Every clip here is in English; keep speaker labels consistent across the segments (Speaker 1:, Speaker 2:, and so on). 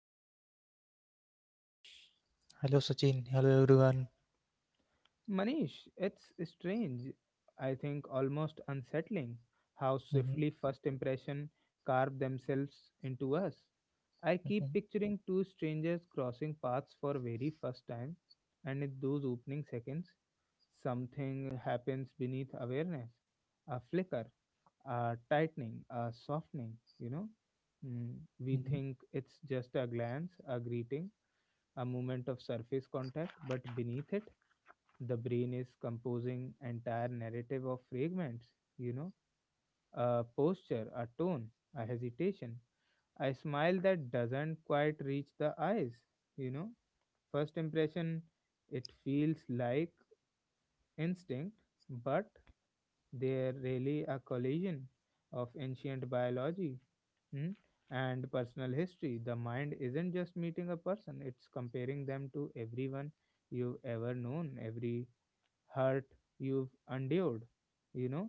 Speaker 1: wonderful co host, Manish.
Speaker 2: Hello Sachin, hello everyone.
Speaker 1: Manish, it's strange, I think almost unsettling, how swiftly
Speaker 2: Mhm,
Speaker 1: first impression carve themselves into us. I keep
Speaker 2: mhm,
Speaker 1: picturing two strangers crossing paths for very first time, and in those opening seconds, something happens beneath awareness a flicker, a tightening, a softening, you know. Mm, we
Speaker 2: mhm.
Speaker 1: think it's just a glance, a greeting, a moment of surface contact, but beneath it, the brain is composing entire narrative of fragments, you know, a posture, a tone, a hesitation, a smile that doesn't quite reach the eyes, you know. First impression, it feels like instinct, but they're really a collision of ancient biology hmm, and personal history. The mind isn't just meeting a person, it's comparing them to everyone you've ever known, every hurt you've endured, you know,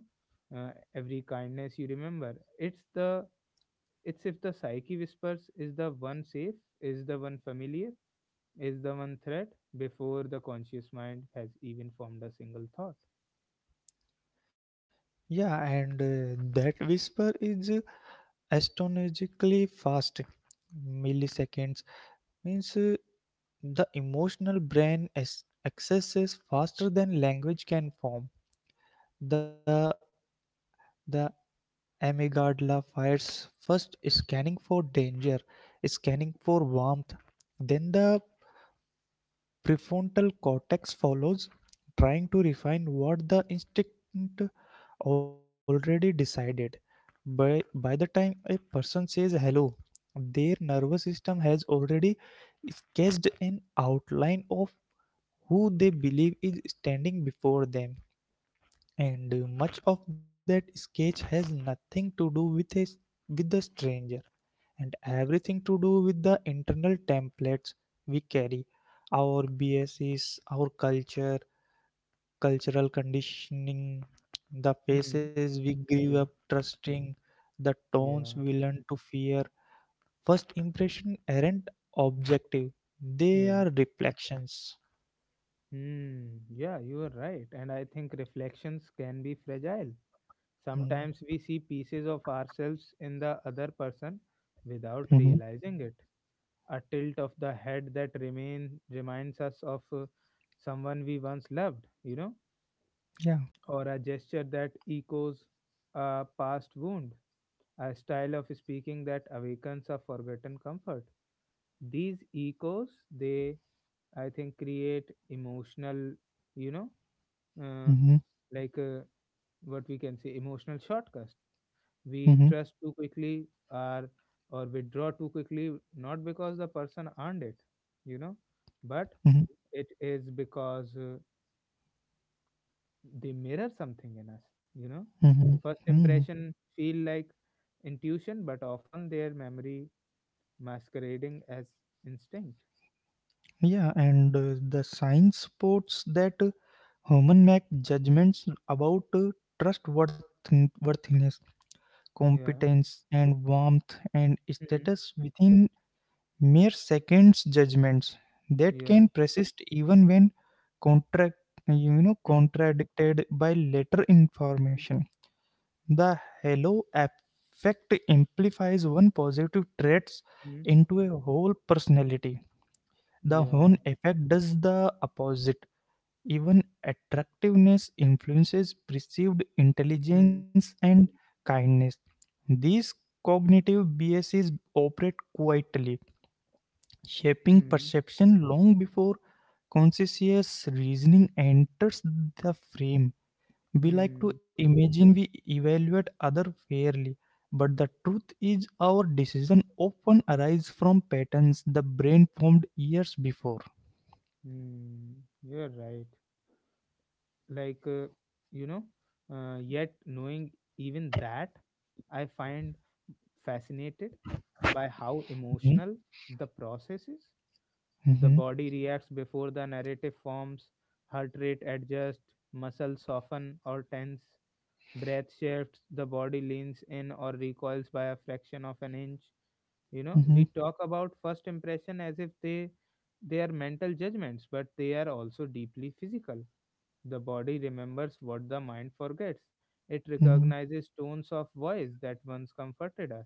Speaker 1: every kindness you remember. It's if the psyche whispers is the one safe, is the one familiar, is the one threat before the conscious mind has even formed a single thought.
Speaker 2: Yeah, and that whisper is astonishingly fast. Milliseconds means the emotional brain accesses faster than language can form. The the amygdala fires first, scanning for danger, scanning for warmth. Then the prefrontal cortex follows, trying to refine what the instinct already decided. By the time a person says hello, their nervous system has already sketched an outline of who they believe is standing before them, and much of that sketch has nothing to do with with the stranger, and everything to do with the internal templates we carry, our biases, our culture, cultural conditioning, the
Speaker 1: Hmm.
Speaker 2: faces we grew
Speaker 1: Yeah,
Speaker 2: up trusting, the tones
Speaker 1: yeah,
Speaker 2: we learn to fear. First impression aren't objective, they
Speaker 1: yeah.
Speaker 2: are reflections.
Speaker 1: Hmm, yeah, you are right. And I think reflections can be fragile.
Speaker 2: Mm,
Speaker 1: Sometimes we see pieces of ourselves in the other person without
Speaker 2: mm-hmm.
Speaker 1: realizing it. A tilt of the head that remain reminds us of someone we once loved,
Speaker 2: Yeah.
Speaker 1: or a gesture that echoes a past wound, a style of speaking that awakens a forgotten comfort. These echoes, they, I think, create emotional, you know, uh,
Speaker 2: Mm-hmm.
Speaker 1: like uh, what we can say emotional shortcuts we
Speaker 2: Mm-hmm.
Speaker 1: trust too quickly or withdraw too quickly not because the person earned it you know but it is because they mirror something in us you know
Speaker 2: Mm-hmm.
Speaker 1: first
Speaker 2: Mm-hmm.
Speaker 1: impression feel like intuition but often their memory masquerading as instinct
Speaker 2: Yeah, and the science supports that human make judgments about trustworthiness,
Speaker 1: yeah
Speaker 2: competence, and warmth and
Speaker 1: mm
Speaker 2: status within mere seconds. Judgments that
Speaker 1: yeah
Speaker 2: can persist even when contract,
Speaker 1: mm
Speaker 2: contradicted by later information. The halo effect amplifies one positive traits
Speaker 1: mm
Speaker 2: into a whole personality. The
Speaker 1: yeah
Speaker 2: horn effect does the opposite. Even attractiveness influences perceived
Speaker 1: mm
Speaker 2: intelligence and kindness. These cognitive biases operate quietly, shaping
Speaker 1: mm
Speaker 2: perception long before conscious reasoning enters the frame. We
Speaker 1: mm.
Speaker 2: like to imagine we evaluate other fairly, but the truth is our decision often arise from patterns the brain formed years before.
Speaker 1: Hmm, you're right. Like, uh, you know, Yet knowing even that, I find fascinated by how
Speaker 2: Mhm,
Speaker 1: emotional the process is. The
Speaker 2: mhm,
Speaker 1: body reacts before the narrative forms, heart rate adjusts, muscles soften or tense, breath shifts, the body leans in or recoils by a fraction of an inch. You know, we
Speaker 2: mhm,
Speaker 1: talk about first impression as if they are mental judgments, but they are also deeply physical the body remembers what the mind forgets. It
Speaker 2: mhm,
Speaker 1: recognizes tones of voice that once comforted us.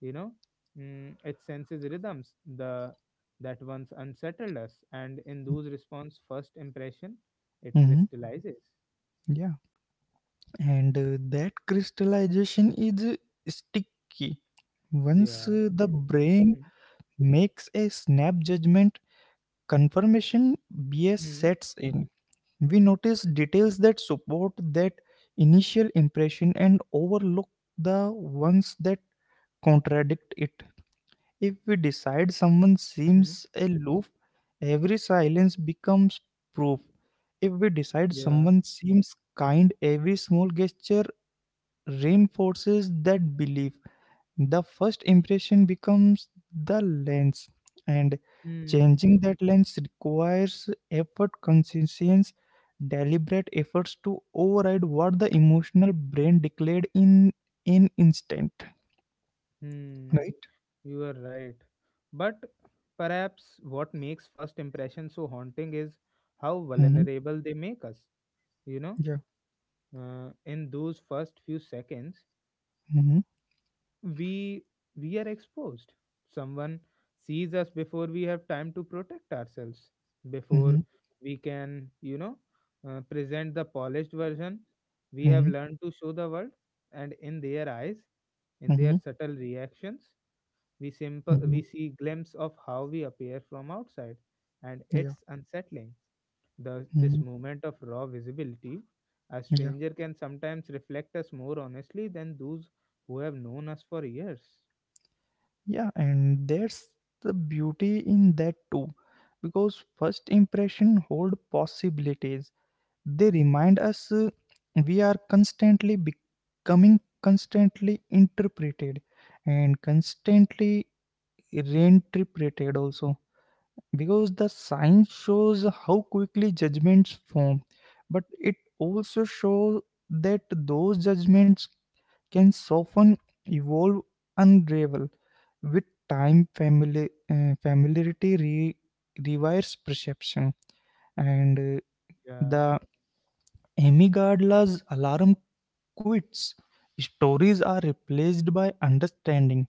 Speaker 1: You know, it senses rhythms the that once unsettled us, and in those response, first impression, it
Speaker 2: mhm.
Speaker 1: crystallizes.
Speaker 2: Yeah. And that crystallization is sticky. Once
Speaker 1: Yeah,
Speaker 2: the
Speaker 1: it is.
Speaker 2: brain
Speaker 1: Mm,
Speaker 2: makes a snap judgment, confirmation bias
Speaker 1: mm,
Speaker 2: sets in. We notice details that support that initial impression and overlook the ones that contradict it. If we decide someone
Speaker 1: mm,
Speaker 2: seems aloof, every silence becomes proof. If we decide
Speaker 1: yeah.
Speaker 2: someone seems kind, every small gesture reinforces that belief. The first impression becomes the lens, and
Speaker 1: Mm,
Speaker 2: changing that lens requires effort, consistency, deliberate efforts to override what the emotional brain declared in an instant.
Speaker 1: mm,
Speaker 2: Right?
Speaker 1: you are right. But perhaps what makes first impression so haunting is how
Speaker 2: Mm-hmm.
Speaker 1: vulnerable they make us. You know,
Speaker 2: Yeah.
Speaker 1: in those first few seconds
Speaker 2: Mm-hmm.
Speaker 1: we we are exposed someone sees us before we have time to protect ourselves before
Speaker 2: Mm-hmm.
Speaker 1: we can present the polished version we have
Speaker 2: Mm-hmm.
Speaker 1: learned to show the world and in their eyes in their
Speaker 2: Mm-hmm.
Speaker 1: subtle reactions we simple
Speaker 2: Mm-hmm.
Speaker 1: we see glimpse of how we appear from outside and
Speaker 2: Yeah.
Speaker 1: it's unsettling this
Speaker 2: Mm-hmm.
Speaker 1: moment of raw visibility, a
Speaker 2: Yeah.
Speaker 1: stranger can sometimes reflect us more honestly than those who have known us for years.
Speaker 2: Yeah. And there's the beauty in that too, because first impression hold possibilities. They remind us, we are constantly becoming, constantly interpreted, and constantly reinterpreted also, because the science shows how quickly judgments form, but it also shows that those judgments can soften, evolve, unravel with time. Family uh, familiarity rewires perception, and
Speaker 1: Yeah,
Speaker 2: the Amy Gardler's alarm quits. Stories are replaced by understanding.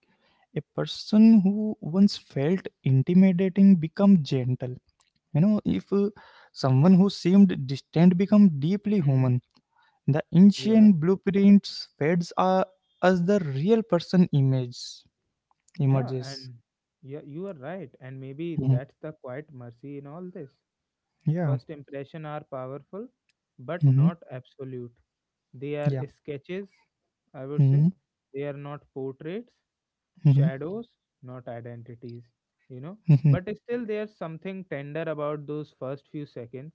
Speaker 2: A person who once felt intimidating become gentle. You know, if someone who seemed distant become deeply
Speaker 1: hmm,
Speaker 2: human, the
Speaker 1: yeah,
Speaker 2: ancient blueprints fades are as the real person image
Speaker 1: yeah,
Speaker 2: emerges.
Speaker 1: and yeah, you are right. And maybe
Speaker 2: Mhm.
Speaker 1: that's the quiet mercy in all this.
Speaker 2: Yeah.
Speaker 1: First impression are powerful, but
Speaker 2: Hmm.
Speaker 1: not absolute. They are
Speaker 2: Yeah.
Speaker 1: sketches, I would
Speaker 2: Hmm,
Speaker 1: say. They are not portraits.
Speaker 2: hmm,
Speaker 1: Shadows, not identities, you know.
Speaker 2: hmm,
Speaker 1: But still, there's something tender about those first few seconds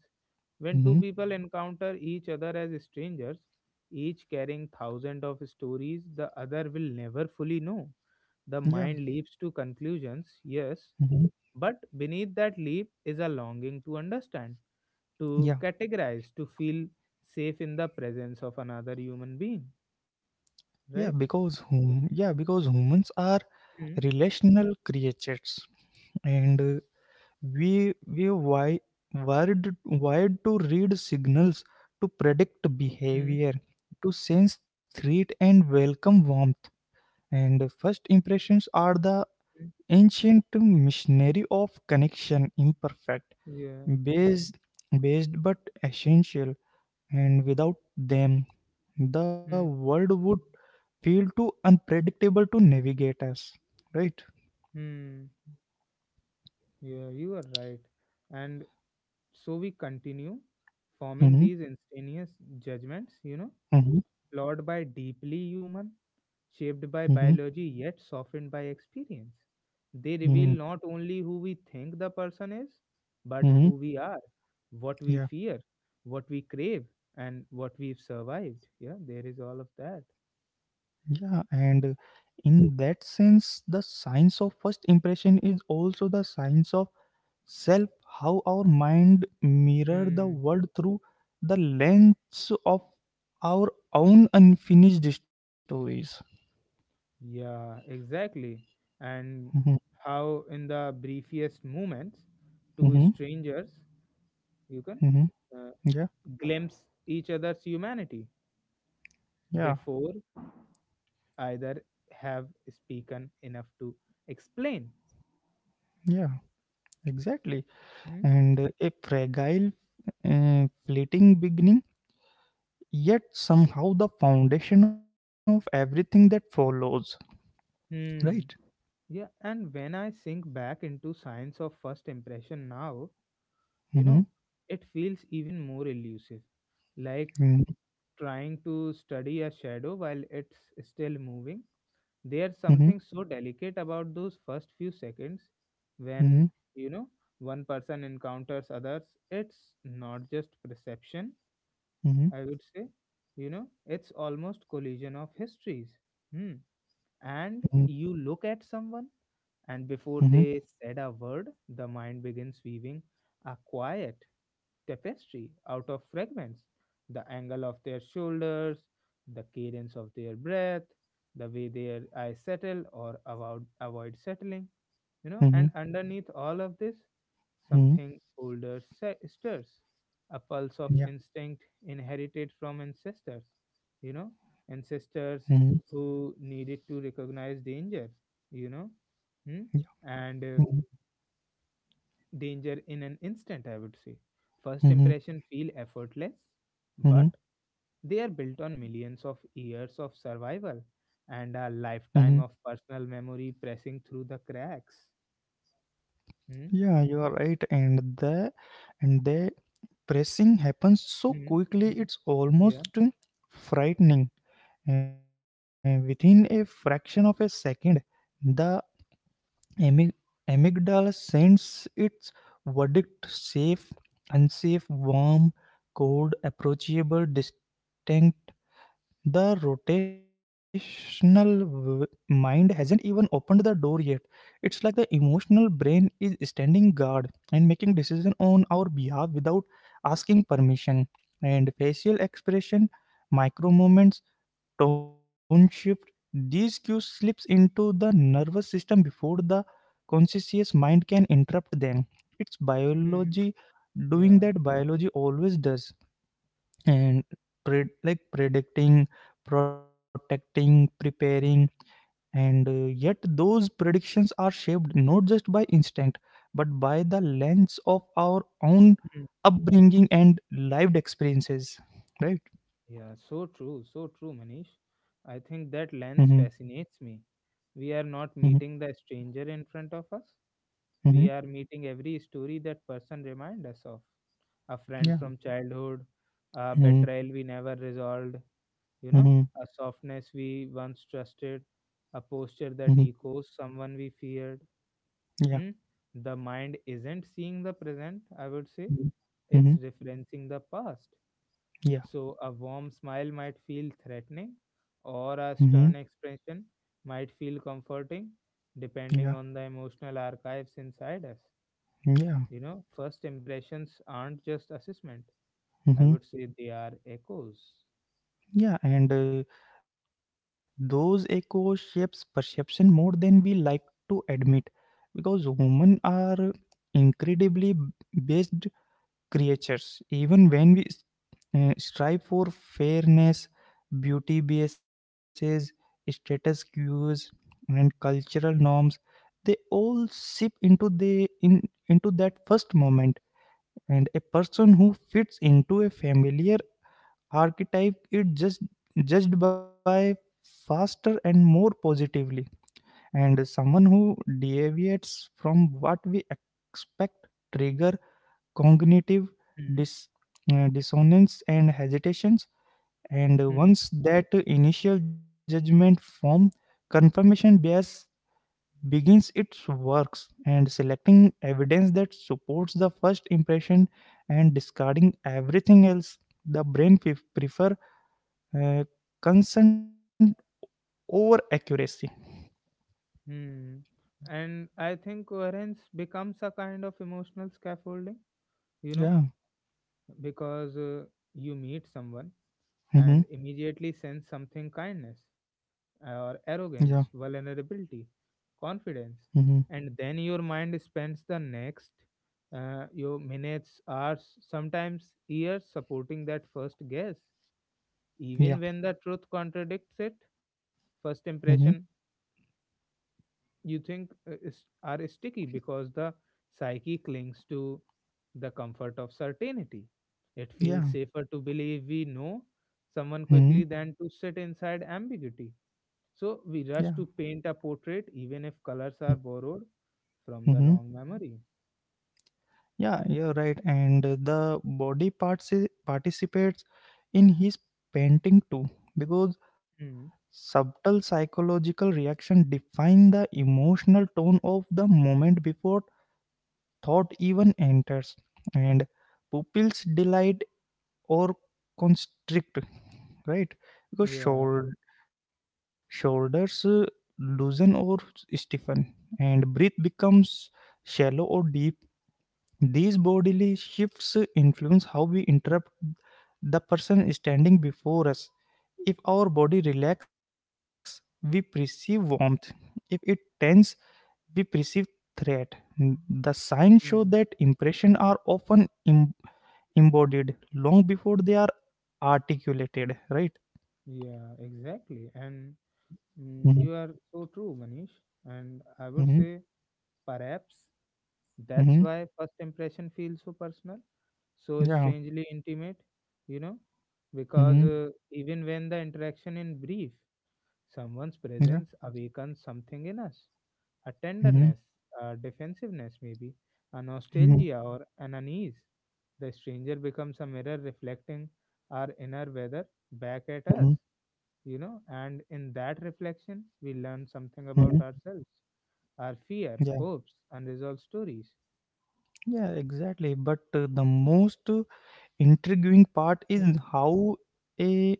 Speaker 1: when two
Speaker 2: hmm.
Speaker 1: people Mhm. encounter each other as strangers, each carrying thousands of stories the other will never fully know. The
Speaker 2: Yeah.
Speaker 1: mind leaps to conclusions, yes,
Speaker 2: Hmm.
Speaker 1: but beneath that leap is a longing to understand, to
Speaker 2: Yeah.
Speaker 1: categorize, to feel safe in the presence of another human being,
Speaker 2: Yeah.
Speaker 1: right?
Speaker 2: Because humans are relational creatures, and we wired to read signals, to predict
Speaker 1: Mm-hmm.
Speaker 2: behavior, to sense threat and welcome warmth. And first impressions are the ancient missionary of connection, imperfect,
Speaker 1: Yeah.
Speaker 2: based based but essential, and without them the world would feel too unpredictable to navigate us, right?
Speaker 1: Mm-hmm. Yeah, you are right. And so we continue forming
Speaker 2: Mm-hmm,
Speaker 1: these instantaneous judgments,
Speaker 2: mm-hmm,
Speaker 1: flawed by deeply human, shaped
Speaker 2: mm-hmm,
Speaker 1: by biology, yet softened by experience. They reveal
Speaker 2: mm-hmm.
Speaker 1: not only who we think the person is, but
Speaker 2: Mm-hmm.
Speaker 1: who we are, what we
Speaker 2: Yeah.
Speaker 1: fear, what we crave, and what we've survived. Yeah, there is all of that.
Speaker 2: Yeah, and in that sense, the science of first impression is also the science of self, how our mind mirror the
Speaker 1: Mm,
Speaker 2: world through the lens of our own unfinished stories.
Speaker 1: yeah, exactly. And
Speaker 2: Mhm,
Speaker 1: how, in the briefest moments, two
Speaker 2: mhm,
Speaker 1: strangers you can
Speaker 2: mhm.
Speaker 1: uh,
Speaker 2: Yeah,
Speaker 1: glimpse each other's humanity
Speaker 2: yeah,
Speaker 1: before either have spoken enough to explain
Speaker 2: yeah, exactly.
Speaker 1: hmm?
Speaker 2: And a fragile, fleeting beginning, yet somehow the foundation of everything that follows, right?
Speaker 1: Hmm. Yeah, and when I sink back into science of first impression now you
Speaker 2: Mm-hmm,
Speaker 1: know it feels even more elusive like
Speaker 2: mm-hmm,
Speaker 1: trying to study a shadow while it's still moving there's
Speaker 2: mm-hmm.
Speaker 1: something so delicate about those first few seconds
Speaker 2: Mm-hmm.
Speaker 1: when you know one person encounters others it's not just perception
Speaker 2: Mhm,
Speaker 1: I would say you know it's almost collision of histories hmm.
Speaker 2: mhm,
Speaker 1: And you look at someone and
Speaker 2: mhm,
Speaker 1: before they said a word, the mind begins weaving a quiet tapestry out of fragments the angle of their shoulders, the cadence of their breath, the way their eyes settle or avoid settling. You know,
Speaker 2: mhm,
Speaker 1: and underneath all of this,
Speaker 2: mhm.
Speaker 1: Something older stirs, a pulse of
Speaker 2: Yeah,
Speaker 1: instinct inherited from ancestors, you know,
Speaker 2: mhm,
Speaker 1: ancestors who needed to recognize danger, you know, hmm?
Speaker 2: yeah,
Speaker 1: And
Speaker 2: mhm,
Speaker 1: Danger in an instant, I would say. First
Speaker 2: mhm,
Speaker 1: impression feel effortless,
Speaker 2: mhm,
Speaker 1: but they are built on millions of years of survival and a
Speaker 2: mhm.
Speaker 1: lifetime of personal memory pressing through the cracks. Hmm?
Speaker 2: Yeah, you are right. And the pressing happens so
Speaker 1: Hmm?
Speaker 2: quickly, it's
Speaker 1: Yeah.
Speaker 2: almost frightening. Within a fraction of a second, the amy- amygdala sends its verdict: safe, unsafe, warm, cold, approachable, distinct. The rotational mind hasn't even opened the door yet. It's like the emotional brain is standing guard and making decision on our behalf without asking permission. And facial expression, micro movements, tone shift, these cues slips into the nervous system before the conscious mind can interrupt them. It's
Speaker 1: Hmm.
Speaker 2: biology doing
Speaker 1: Yeah.
Speaker 2: that biology always does, and pre like predicting, protecting, preparing, and yet those predictions are shaped not just by instinct, but by the lens of our own
Speaker 1: Hmm.
Speaker 2: upbringing and lived experiences, right?
Speaker 1: Yeah, so true, Manish. I
Speaker 2: Mm-hmm,
Speaker 1: think that lens fascinates me. We are
Speaker 2: mm-hmm,
Speaker 1: not meeting the stranger in front of us.
Speaker 2: mm-hmm,
Speaker 1: We are meeting every story that person remind us of. A friend
Speaker 2: yeah,
Speaker 1: from childhood, a
Speaker 2: mm-hmm,
Speaker 1: betrayal we never resolved, you know,
Speaker 2: mm-hmm,
Speaker 1: a softness we once trusted, a posture that echoes someone we feared.
Speaker 2: yeah,
Speaker 1: Hmm? The mind isn't seeing the present, I would say. It's
Speaker 2: mm-hmm,
Speaker 1: referencing the past.
Speaker 2: yeah,
Speaker 1: So a warm smile might feel threatening, or a
Speaker 2: mm-hmm,
Speaker 1: stern expression might feel comforting, depending
Speaker 2: yeah,
Speaker 1: on the emotional archives inside us.
Speaker 2: mm-hmm,
Speaker 1: You know, first impressions aren't just assessment. I
Speaker 2: yeah.
Speaker 1: would say they are echos.
Speaker 2: Yeah, and those echo shapes perception more than we like to admit, because humans are incredibly based creatures, even when we strive for fairness. Beauty biases, status cues, and cultural norms, they all seep into the in into that first moment, and a person who fits into a familiar archetype it just judged by faster and more positively, and someone who deviates from what we expect trigger cognitive
Speaker 1: Hmm.
Speaker 2: dis, dissonance and hesitations. And
Speaker 1: Hmm.
Speaker 2: once that initial judgment form, confirmation bias begins its works and selecting evidence that supports the first impression and discarding everything else. The brain prefer uh, consent over accuracy.
Speaker 1: Hmm. And I think coherence becomes a kind of emotional scaffolding, you know,
Speaker 2: Yeah.
Speaker 1: because you meet someone
Speaker 2: Mm-hmm.
Speaker 1: and immediately sense something kindness
Speaker 2: Yeah.
Speaker 1: or arrogance, vulnerability,
Speaker 2: Mm-hmm.
Speaker 1: confidence. And then your mind spends the next your minutes, hours, sometimes years supporting that first guess.
Speaker 2: Yeah.
Speaker 1: Even when the truth contradicts it, first
Speaker 2: Mm-hmm.
Speaker 1: impression you think are sticky because the psyche clings to the comfort of certainty. It feels
Speaker 2: Yeah.
Speaker 1: safer to believe we know someone
Speaker 2: Mm-hmm.
Speaker 1: quickly than to sit inside ambiguity.
Speaker 2: Yeah.
Speaker 1: So we rush to paint a portrait even if colors are borrowed from the
Speaker 2: Mm-hmm.
Speaker 1: wrong memory.
Speaker 2: Yeah. You're right. And the body parts participates in his painting too, because
Speaker 1: Mm.
Speaker 2: subtle psychological reaction define the emotional tone of the moment before thought even enters, and pupils delight or constrict, right? Because
Speaker 1: Yeah.
Speaker 2: shoulders loosen or stiffen, and breath becomes shallow or deep. These bodily shifts influence how we interrupt the person standing before us. If our body relax, we perceive warmth; if it tense, we perceive threat. The signs show
Speaker 1: Mm.
Speaker 2: that impressions are often embodied long before they are articulated, right?
Speaker 1: Yeah, exactly. And mm,
Speaker 2: Mhm,
Speaker 1: you are so true, Manish. And I would
Speaker 2: mhm,
Speaker 1: say perhaps that's
Speaker 2: mhm,
Speaker 1: why first impression feels so personal, so
Speaker 2: yeah,
Speaker 1: strangely intimate, you know, because
Speaker 2: mhm,
Speaker 1: uh, even when the interaction is brief,
Speaker 2: yeah,
Speaker 1: someone's presence awakens something in us a
Speaker 2: mhm,
Speaker 1: tenderness, a defensiveness, maybe, a
Speaker 2: mhm,
Speaker 1: nostalgia, or an unease. The stranger becomes a mirror reflecting our inner weather back at us,
Speaker 2: mhm,
Speaker 1: you know, and in that reflection, we learn
Speaker 2: mhm,
Speaker 1: something about ourselves, our fear,
Speaker 2: yeah.
Speaker 1: hopes, unresolved stories.
Speaker 2: Yeah, exactly. But the most intriguing part is
Speaker 1: Mm,
Speaker 2: how a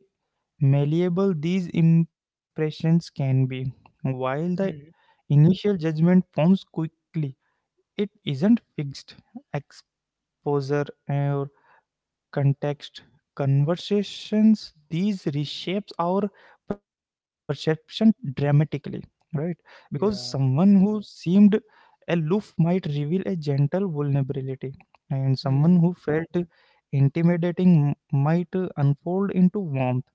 Speaker 2: malleable these impressions can be. While the
Speaker 1: mm,
Speaker 2: initial judgment forms quickly, it isn't fixed. Exposure, context, conversations, these reshapes our perception dramatically, right? Because
Speaker 1: yeah.
Speaker 2: someone who seemed aloof might reveal a gentle vulnerability, and someone
Speaker 1: Hmm.
Speaker 2: who felt intimidating might unfold into warmth.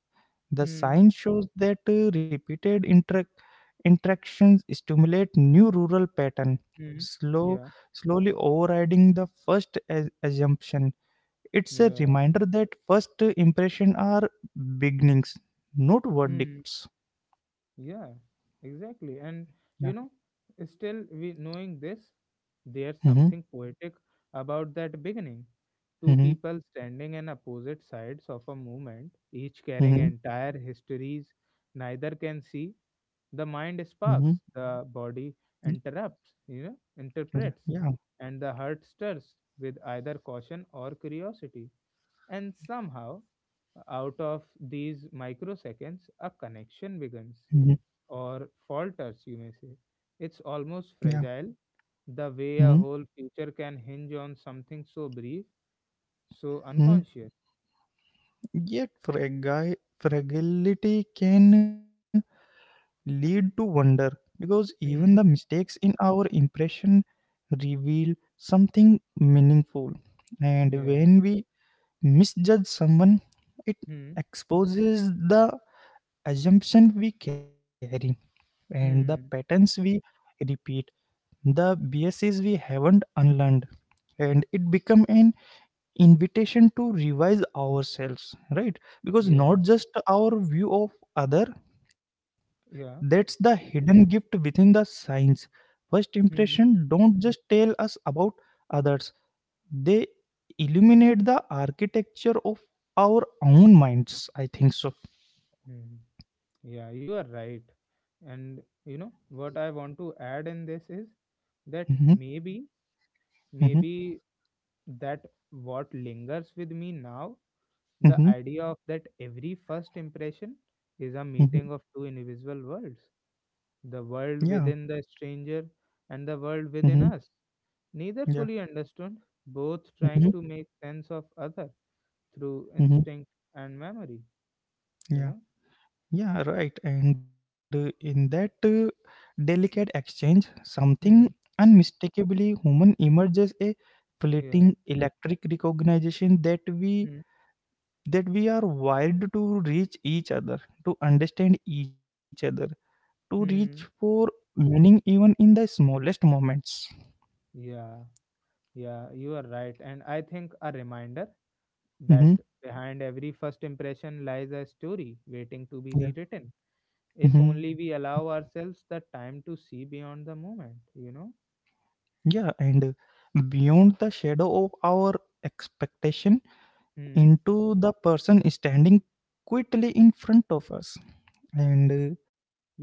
Speaker 2: The
Speaker 1: Hmm.
Speaker 2: sign shows that repeated interactions stimulate new rural pattern,
Speaker 1: Hmm.
Speaker 2: slow
Speaker 1: Yeah.
Speaker 2: slowly overriding the first assumption. It's a
Speaker 1: Yeah.
Speaker 2: reminder that first impression are beginnings, not
Speaker 1: Hmm.
Speaker 2: verdicts.
Speaker 1: Yeah, exactly. And
Speaker 2: Yeah.
Speaker 1: you know, still we knowing this, there's
Speaker 2: Mm-hmm.
Speaker 1: something poetic about that beginning. Two
Speaker 2: Mm-hmm.
Speaker 1: people standing on opposite sides of a movement, each carrying
Speaker 2: Mm-hmm.
Speaker 1: entire histories neither can see. The
Speaker 2: Mm-hmm.
Speaker 1: mind sparks, the body interrupts, you know,
Speaker 2: Yeah.
Speaker 1: interprets,
Speaker 2: Yeah.
Speaker 1: and the heart stirs with either caution or curiosity. And somehow, out of these microseconds, a connection
Speaker 2: Mm-hmm.
Speaker 1: begins or falters, you may say. It's almost
Speaker 2: Yeah.
Speaker 1: fragile, the way a
Speaker 2: Mm-hmm.
Speaker 1: whole future can hinge on something so brief, so
Speaker 2: Mm-hmm.
Speaker 1: unconscious.
Speaker 2: Yet fragile fragility can lead to wonder, because even the
Speaker 1: Hmm.
Speaker 2: mistakes in our impression reveal something meaningful. And
Speaker 1: Yeah.
Speaker 2: when we misjudge someone, it
Speaker 1: Hmm.
Speaker 2: exposes the assumption we carry and the patterns
Speaker 1: Hmm.
Speaker 2: we repeat, the biases we haven't unlearned, and it become an invitation to revise ourselves, right? Because not
Speaker 1: Yeah.
Speaker 2: just our view of other, that's
Speaker 1: Yeah.
Speaker 2: the hidden gift within the science. First impression
Speaker 1: Hmm.
Speaker 2: don't just tell us about others, they illuminate the architecture of our own minds, I think so.
Speaker 1: Hmm. Yeah, you are right. And you know what I want to add in this is that
Speaker 2: Mm-hmm,
Speaker 1: maybe
Speaker 2: mm-hmm,
Speaker 1: maybe that what lingers with me now the
Speaker 2: mm-hmm,
Speaker 1: idea of that every first impression is a
Speaker 2: mm-hmm.
Speaker 1: meeting of two invisible worlds the
Speaker 2: Yeah.
Speaker 1: world within the stranger and the world
Speaker 2: Mm-hmm,
Speaker 1: within us neither
Speaker 2: yeah.
Speaker 1: fully understood both trying
Speaker 2: Mm-hmm,
Speaker 1: to make sense of other through
Speaker 2: mm-hmm.
Speaker 1: instinct and memory you
Speaker 2: Yeah,
Speaker 1: know
Speaker 2: yeah, right. And in that delicate exchange, something
Speaker 1: hmm
Speaker 2: unmistakably human emerges, a
Speaker 1: yeah
Speaker 2: fleeting electric recognition that we
Speaker 1: hmm
Speaker 2: are wired to reach each other, to understand each other, to reach
Speaker 1: hmm
Speaker 2: for meaning even in the smallest moments.
Speaker 1: yeah yeah you are right and I think a reminder that
Speaker 2: Mm-hmm.
Speaker 1: behind every first impression lies a story waiting to be
Speaker 2: Yeah.
Speaker 1: rewritten if
Speaker 2: Mm-hmm.
Speaker 1: only we allow ourselves the time to see beyond the moment you know
Speaker 2: Yeah, and beyond the shadow of our expectation,
Speaker 1: hmm
Speaker 2: into the person standing quietly in front of us. And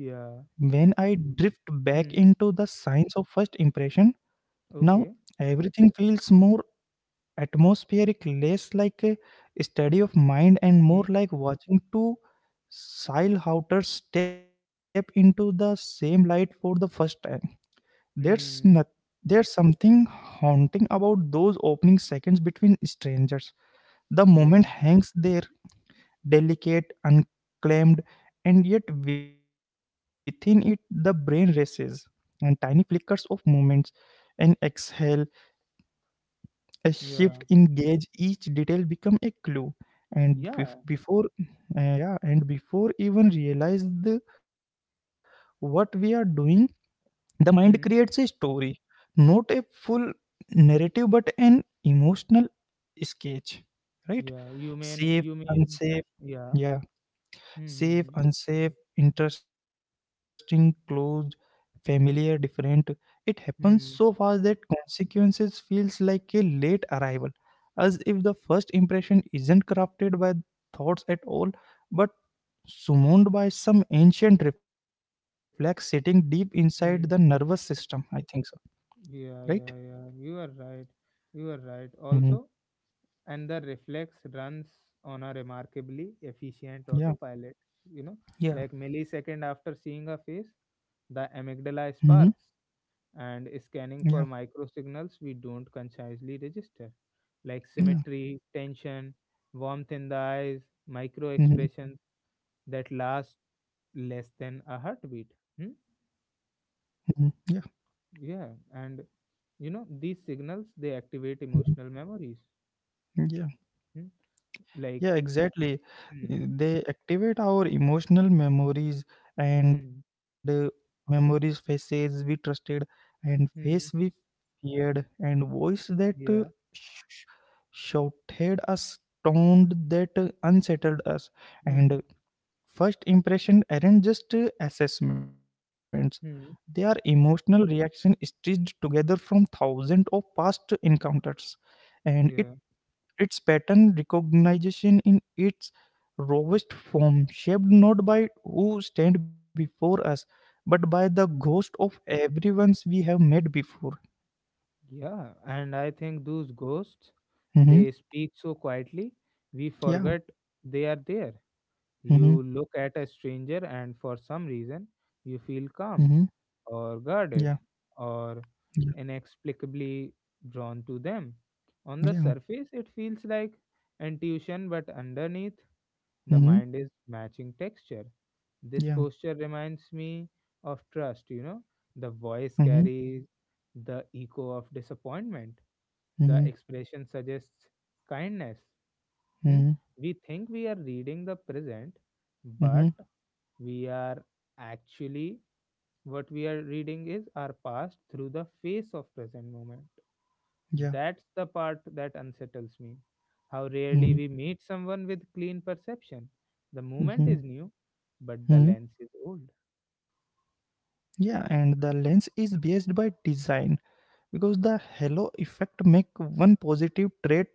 Speaker 2: when I drift back into the
Speaker 1: hmm
Speaker 2: science of first impression now,
Speaker 1: okay
Speaker 2: everything feels more atmospheric, less like a study of mind and more
Speaker 1: hmm
Speaker 2: like watching two Silhouter step into the same light for the first time. There's not,
Speaker 1: hmm
Speaker 2: There's something haunting about those opening seconds between strangers. The moment
Speaker 1: yeah
Speaker 2: hangs there, delicate, unclaimed, and yet within it the brain races, and tiny flickers of movements, an exhale, a shift
Speaker 1: yeah
Speaker 2: in gauge, each detail become a clue. And bef-
Speaker 1: yeah
Speaker 2: before, yeah, and before even realize what we are doing, the mind creates a
Speaker 1: hmm
Speaker 2: story, not a full narrative, but an emotional sketch, right?
Speaker 1: yeah you mean
Speaker 2: Safe,
Speaker 1: you mean
Speaker 2: unsafe,
Speaker 1: yeah
Speaker 2: yeah.
Speaker 1: hmm
Speaker 2: Safe,
Speaker 1: hmm
Speaker 2: unsafe, interesting, closed, familiar, different. It happens so fast
Speaker 1: hmm
Speaker 2: that consequences feels like a late arrival, as if the first impression isn't crafted by thoughts at all, but summoned by some ancient reflex sitting deep inside the nervous
Speaker 1: hmm hmm.
Speaker 2: system. I think so, right?
Speaker 1: Yeah yeah yeah you are right
Speaker 2: Hmm.
Speaker 1: also and the reflex runs on a remarkably efficient
Speaker 2: Yeah,
Speaker 1: autopilot you know like
Speaker 2: yeah,
Speaker 1: millisecond after seeing a face the amygdala
Speaker 2: hmm,
Speaker 1: sparks and scanning for
Speaker 2: yeah,
Speaker 1: micro signals we don't consciously register like symmetry
Speaker 2: yeah,
Speaker 1: tension warmth in the eyes micro expressions
Speaker 2: hmm,
Speaker 1: that last less than a heartbeat hmm?
Speaker 2: yeah,
Speaker 1: Yeah and you know these signals they activate
Speaker 2: mhm,
Speaker 1: emotional memories
Speaker 2: yeah.
Speaker 1: hmm? Like
Speaker 2: Yeah, exactly.
Speaker 1: hmm.
Speaker 2: They activate our emotional and uh,
Speaker 1: Hmm.
Speaker 2: memories, faces we trusted, and face we
Speaker 1: Hmm.
Speaker 2: feared, and voice that
Speaker 1: Yeah.
Speaker 2: sh- shouted us, tone that unsettled us. And
Speaker 1: Hmm.
Speaker 2: first impression aren't just assessments; they are
Speaker 1: Hmm.
Speaker 2: emotional reaction stitched together from thousands of past encounters, and it
Speaker 1: Yeah.
Speaker 2: its pattern recognition in its rawest form, shaped not by who stand before us, but by the ghost
Speaker 1: Hmm.
Speaker 2: of everyone's we have met before.
Speaker 1: Yeah. And I think those ghosts,
Speaker 2: Mm-hmm.
Speaker 1: they speak so quietly, we
Speaker 2: Yeah.
Speaker 1: forget they are there.
Speaker 2: Mm-hmm.
Speaker 1: You look at a stranger and for some reason you feel
Speaker 2: Mm-hmm.
Speaker 1: calm or
Speaker 2: Yeah.
Speaker 1: guarded or
Speaker 2: Yeah.
Speaker 1: inexplicably drawn to them. On the
Speaker 2: Yeah.
Speaker 1: surface, it feels like intuition, but underneath, the
Speaker 2: Mm-hmm.
Speaker 1: mind is matching texture. This
Speaker 2: Yeah.
Speaker 1: posture reminds me of trust, you know. The
Speaker 2: Mm-hmm.
Speaker 1: voice carries the echo of disappointment,
Speaker 2: Mm-hmm.
Speaker 1: the expression suggests kindness. Hmm?
Speaker 2: Mm-hmm.
Speaker 1: We think we are reading the present, but
Speaker 2: Mm-hmm.
Speaker 1: we are actually what we are reading is our past through the face of present moment.
Speaker 2: Yeah.
Speaker 1: That's the part that unsettles me. How rarely
Speaker 2: Mm-hmm.
Speaker 1: we meet someone with clean perception. The moment
Speaker 2: Mm-hmm.
Speaker 1: is new, but the
Speaker 2: Mm-hmm.
Speaker 1: lens is old.
Speaker 2: Yeah. And the lens is based by design, because the halo effect make one positive trait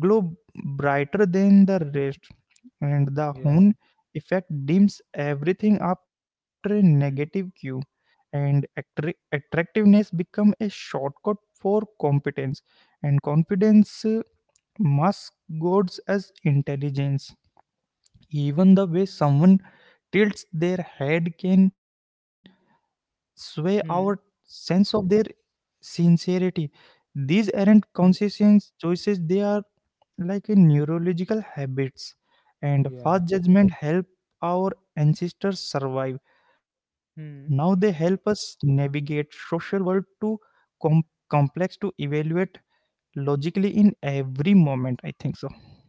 Speaker 2: glow brighter than the
Speaker 1: Mm,
Speaker 2: rest, and the
Speaker 1: yeah.
Speaker 2: horn effect dims everything after a negative cue,
Speaker 1: Hmm.
Speaker 2: and attractiveness become a shortcut for competence, and confidence masks gods as intelligence. Even the way someone tilts their head can sway our
Speaker 1: Hmm.
Speaker 2: sense of their sincerity. These aren't
Speaker 1: Hmm.
Speaker 2: conscious choices, they are like a neurological habits. And fast
Speaker 1: Yeah.
Speaker 2: judgment help our ancestors survive. Now they
Speaker 1: Hmm.
Speaker 2: help us navigate social world too com- complex to evaluate logically in every moment. I think so.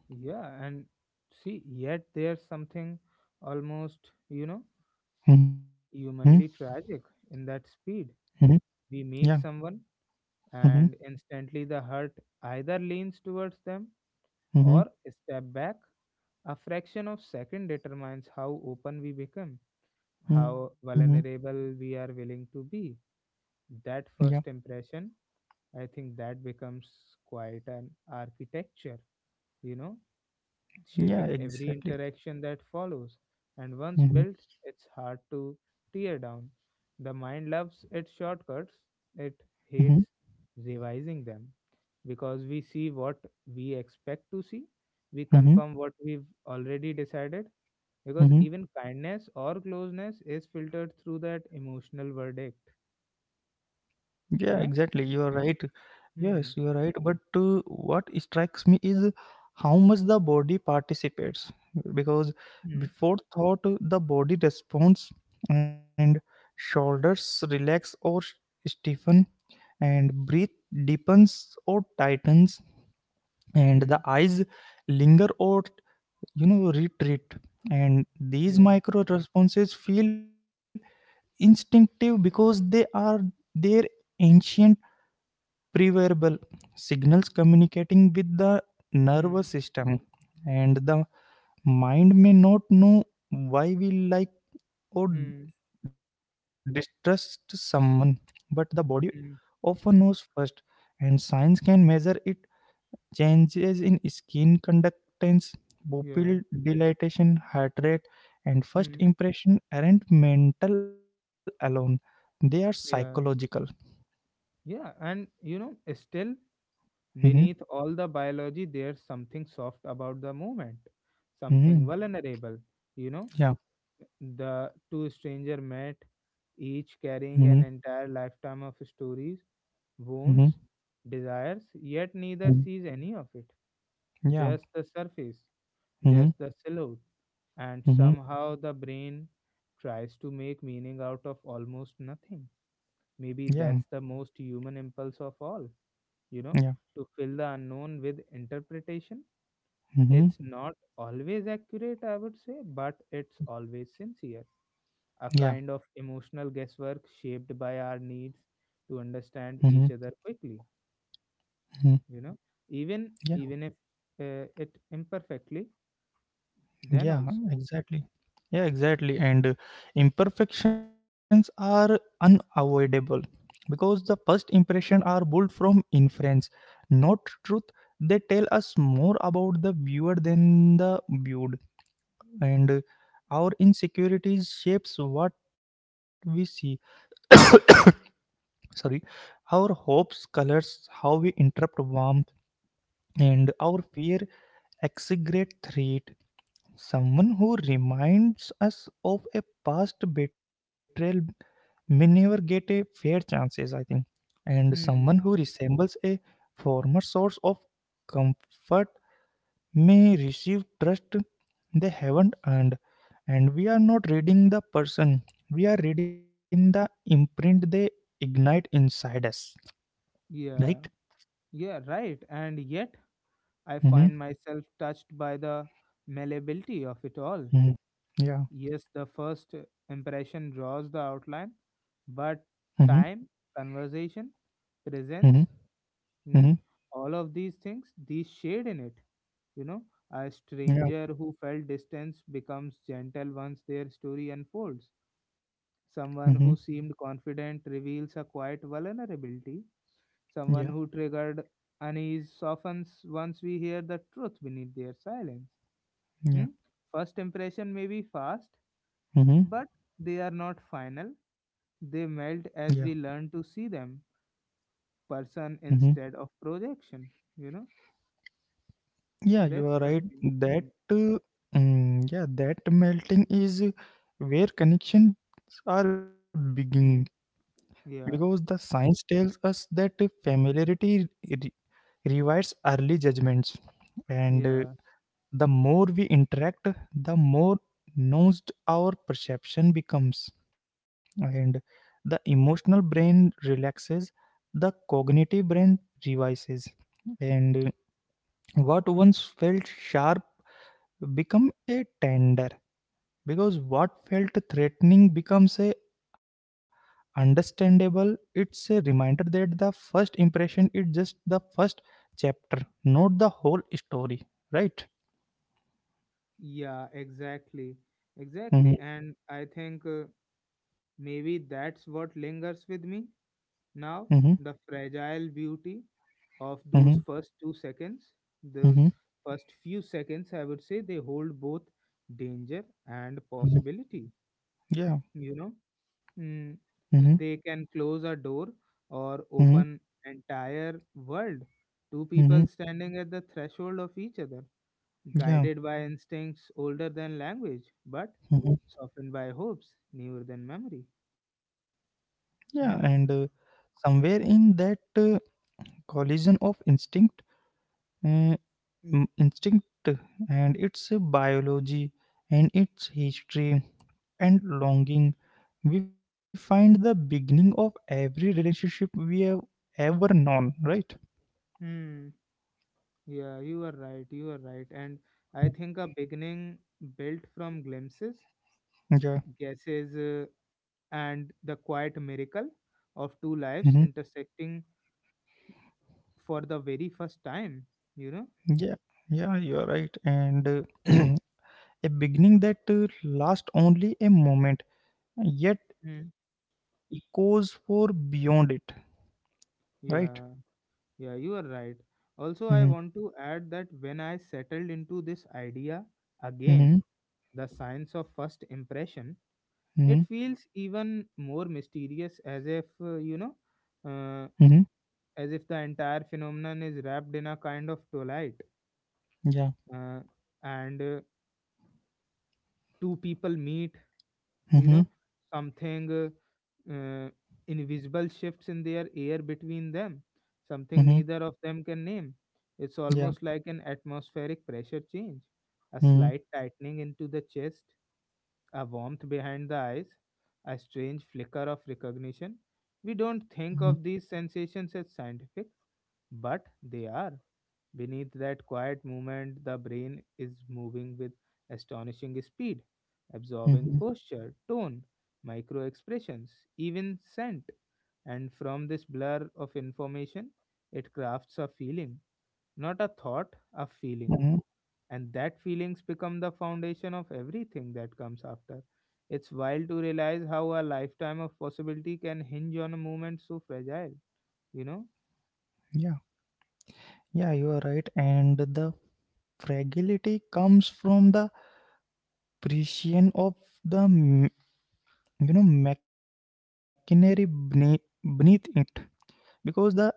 Speaker 1: Yeah. And see, yet there's something almost, you know,
Speaker 2: Mm-hmm.
Speaker 1: humanly tragic in that
Speaker 2: Mm-hmm.
Speaker 1: speed. We
Speaker 2: Yeah.
Speaker 1: meet someone,
Speaker 2: Mm-hmm.
Speaker 1: and instantly the heart either leans towards them
Speaker 2: Mm-hmm.
Speaker 1: or step back. A fraction of second determines how open we become,
Speaker 2: Mm-hmm.
Speaker 1: how vulnerable we are willing to be. That
Speaker 2: Yeah.
Speaker 1: first impression, I think that becomes quite an architecture, you know,
Speaker 2: Yeah.
Speaker 1: shaping every
Speaker 2: Exactly.
Speaker 1: interaction that follows. And once
Speaker 2: Mm-hmm.
Speaker 1: built, it's hard to tear down. The mind loves its shortcuts, it
Speaker 2: Mm-hmm.
Speaker 1: hates revising them because we see what we expect to see, we
Speaker 2: Mm-hmm.
Speaker 1: confirm what we've already decided. Because
Speaker 2: Mm-hmm.
Speaker 1: even kindness or closeness is filtered through that emotional verdict.
Speaker 2: Yeah.
Speaker 1: Yeah?
Speaker 2: Exactly. You are right. Yes,
Speaker 1: Hmm.
Speaker 2: you are right. But what strikes me is how much the body participates. Because
Speaker 1: Hmm.
Speaker 2: before thought, the body responds, and shoulders relax or stiffen, and breath deepens or tightens, and
Speaker 1: Hmm.
Speaker 2: the eyes linger or retreat. And
Speaker 1: Yeah.
Speaker 2: these micro responses feel instinctive because they are their ancient preverbal signals communicating with the nervous
Speaker 1: Hmm.
Speaker 2: system, and the mind may not know why we like or
Speaker 1: Hmm. Hmm.
Speaker 2: distrust someone, but the body
Speaker 1: Hmm.
Speaker 2: often knows first, and science can measure it: changes in skin conductance, pupil
Speaker 1: Yeah.
Speaker 2: dilatation, heart rate. And first
Speaker 1: Hmm.
Speaker 2: impression aren't mental alone, they are psychological.
Speaker 1: Yeah. Yeah, and you know, still
Speaker 2: Mhm,
Speaker 1: beneath all the biology, there's something soft about the movement, something
Speaker 2: mhm,
Speaker 1: vulnerable. You know,
Speaker 2: yeah.
Speaker 1: the two stranger met, each
Speaker 2: Mhm,
Speaker 1: carrying an entire lifetime of stories,
Speaker 2: mhm.
Speaker 1: wounds, desires, yet neither sees any of it.
Speaker 2: Yeah.
Speaker 1: Just the surface,
Speaker 2: Mhm.
Speaker 1: just the silhouette, and
Speaker 2: Mhm.
Speaker 1: somehow the brain tries to make meaning out of almost nothing. Maybe
Speaker 2: Yeah.
Speaker 1: that's the most human impulse of all, you know,
Speaker 2: Yeah.
Speaker 1: to fill the unknown with interpretation.
Speaker 2: Mhm.
Speaker 1: It's not always accurate, I would say, but it's always sincere. A
Speaker 2: Yeah.
Speaker 1: kind of emotional guesswork shaped by our needs to
Speaker 2: Mhm.
Speaker 1: understand each other quickly,
Speaker 2: Mhm.
Speaker 1: you know, even
Speaker 2: Yeah.
Speaker 1: even if it imperfectly, then
Speaker 2: Yeah.
Speaker 1: also.
Speaker 2: Exactly. Yeah. Exactly. And imperfections are unavoidable because the first impression are built from inference, not truth. They tell us more about the viewer than the viewed, and our insecurities shapes what we see. Sorry, our hopes colors how we interpret warmth, and our fear execrate threat. Someone who reminds us of a past betrayal may never get a fair chances, I think. And
Speaker 1: Hmm.
Speaker 2: someone who resembles a former source of comfort may receive trust they haven't earned. And we are not reading the person, we are reading the imprint they ignite inside us, right?
Speaker 1: Yeah. Yeah. Right. And yet, I
Speaker 2: Mm-hmm.
Speaker 1: find myself touched by the malleability of it all.
Speaker 2: Mm-hmm. Yeah.
Speaker 1: Yes, the first impression draws the outline, but
Speaker 2: Mm-hmm.
Speaker 1: time, conversation,
Speaker 2: Mm-hmm.
Speaker 1: presence, mm,
Speaker 2: Mm-hmm.
Speaker 1: all of these things, these shade in it. You know, a
Speaker 2: Yeah.
Speaker 1: stranger who felt distance becomes gentle once their story unfolds.
Speaker 2: Mm-hmm.
Speaker 1: Someone who seemed confident reveals a quiet vulnerability.
Speaker 2: Yeah.
Speaker 1: Someone who triggered unease softens once we hear the truth beneath their silence.
Speaker 2: Yeah.
Speaker 1: Hmm? First impression may be fast,
Speaker 2: Mm-hmm.
Speaker 1: but they are not final. They
Speaker 2: Yeah.
Speaker 1: melt as we learn to see them, person
Speaker 2: Hmm.
Speaker 1: instead of projection. You know,
Speaker 2: Yeah, you
Speaker 1: that's
Speaker 2: are
Speaker 1: the
Speaker 2: right.
Speaker 1: thing. Hmm,
Speaker 2: Uh, yeah, that melting is where connections are beginning,
Speaker 1: hmm.
Speaker 2: because the
Speaker 1: Yeah,
Speaker 2: science tells us that familiarity revives early judgments, and
Speaker 1: yeah,
Speaker 2: the more we interact, the more nuanced our perception becomes, and the emotional brain relaxes, the cognitive brain revises, and. What once felt sharp become a tender, because what felt threatening becomes a understandable. It's a reminder that the first impression is just the first chapter, not the whole story, right?
Speaker 1: yeah, exactly,
Speaker 2: Mm-hmm,
Speaker 1: exactly. And I think maybe that's what lingers with me
Speaker 2: mm-hmm,
Speaker 1: now, the fragile beauty of those
Speaker 2: mm-hmm,
Speaker 1: first 2 seconds, those
Speaker 2: mm-hmm.
Speaker 1: first few seconds, I would say they hold both danger and
Speaker 2: Hmm.
Speaker 1: possibility,
Speaker 2: Yeah.
Speaker 1: you know.
Speaker 2: Mm-hmm,
Speaker 1: Mm, they can close a door or
Speaker 2: mm-hmm,
Speaker 1: open entire world. Two people
Speaker 2: mm-hmm.
Speaker 1: standing at the threshold of each other,
Speaker 2: Yeah.
Speaker 1: guided by instincts older than language, but
Speaker 2: Hmm.
Speaker 1: softened by hopes newer than memory.
Speaker 2: Yeah. And
Speaker 1: Hmm?
Speaker 2: somewhere in that collision of uh, instinct and its biology and its history and longing, we find the beginning of every relationship we have ever known, right?
Speaker 1: Hmm. Yeah, you are right. You are right. And I think a beginning built from glimpses,
Speaker 2: Yeah.
Speaker 1: guesses, and the quiet miracle of two
Speaker 2: Hmm.
Speaker 1: lives intersecting for the very first time. You know.
Speaker 2: Yeah. Yeah, you're right. And a beginning that lasts only a moment, yet
Speaker 1: Hmm.
Speaker 2: echoes for beyond it, right?
Speaker 1: Yeah, yeah, you are right. Also,
Speaker 2: Mm-hmm.
Speaker 1: I want to add that when I settled into this idea
Speaker 2: Mm-hmm.
Speaker 1: again, the science of first impression,
Speaker 2: Mm-hmm.
Speaker 1: it feels even more mysterious as if, you know, uh,
Speaker 2: Hmm.
Speaker 1: as if the entire phenomenon is wrapped in a kind of twilight.
Speaker 2: Yeah.
Speaker 1: Uh, and two people meet, you
Speaker 2: Mm-hmm.
Speaker 1: know, something. Uh, invisible shifts in their air between them, something
Speaker 2: Mm-hmm.
Speaker 1: neither of them can name. It's
Speaker 2: Yeah.
Speaker 1: almost like an atmospheric pressure change, a
Speaker 2: Mm-hmm.
Speaker 1: slight tightening into the chest, a warmth behind the eyes, a strange flicker of recognition. We don't think of these sensations as scientific, but they are. Beneath that quiet movement, the brain is moving with astonishing speed, absorbing
Speaker 2: Mm-hmm.
Speaker 1: posture, tone, micro expressions, even scent. And from this blur of information, it crafts a feeling, not a thought, a feeling.
Speaker 2: Hmm.
Speaker 1: And that feelings become the foundation of everything that comes after. It's wild to realize how a lifetime of possibility can hinge on a moment so fragile, you know?
Speaker 2: Yeah. Yeah, you are right. And the fragility comes from the precision of the machinery bene- beneath it, because the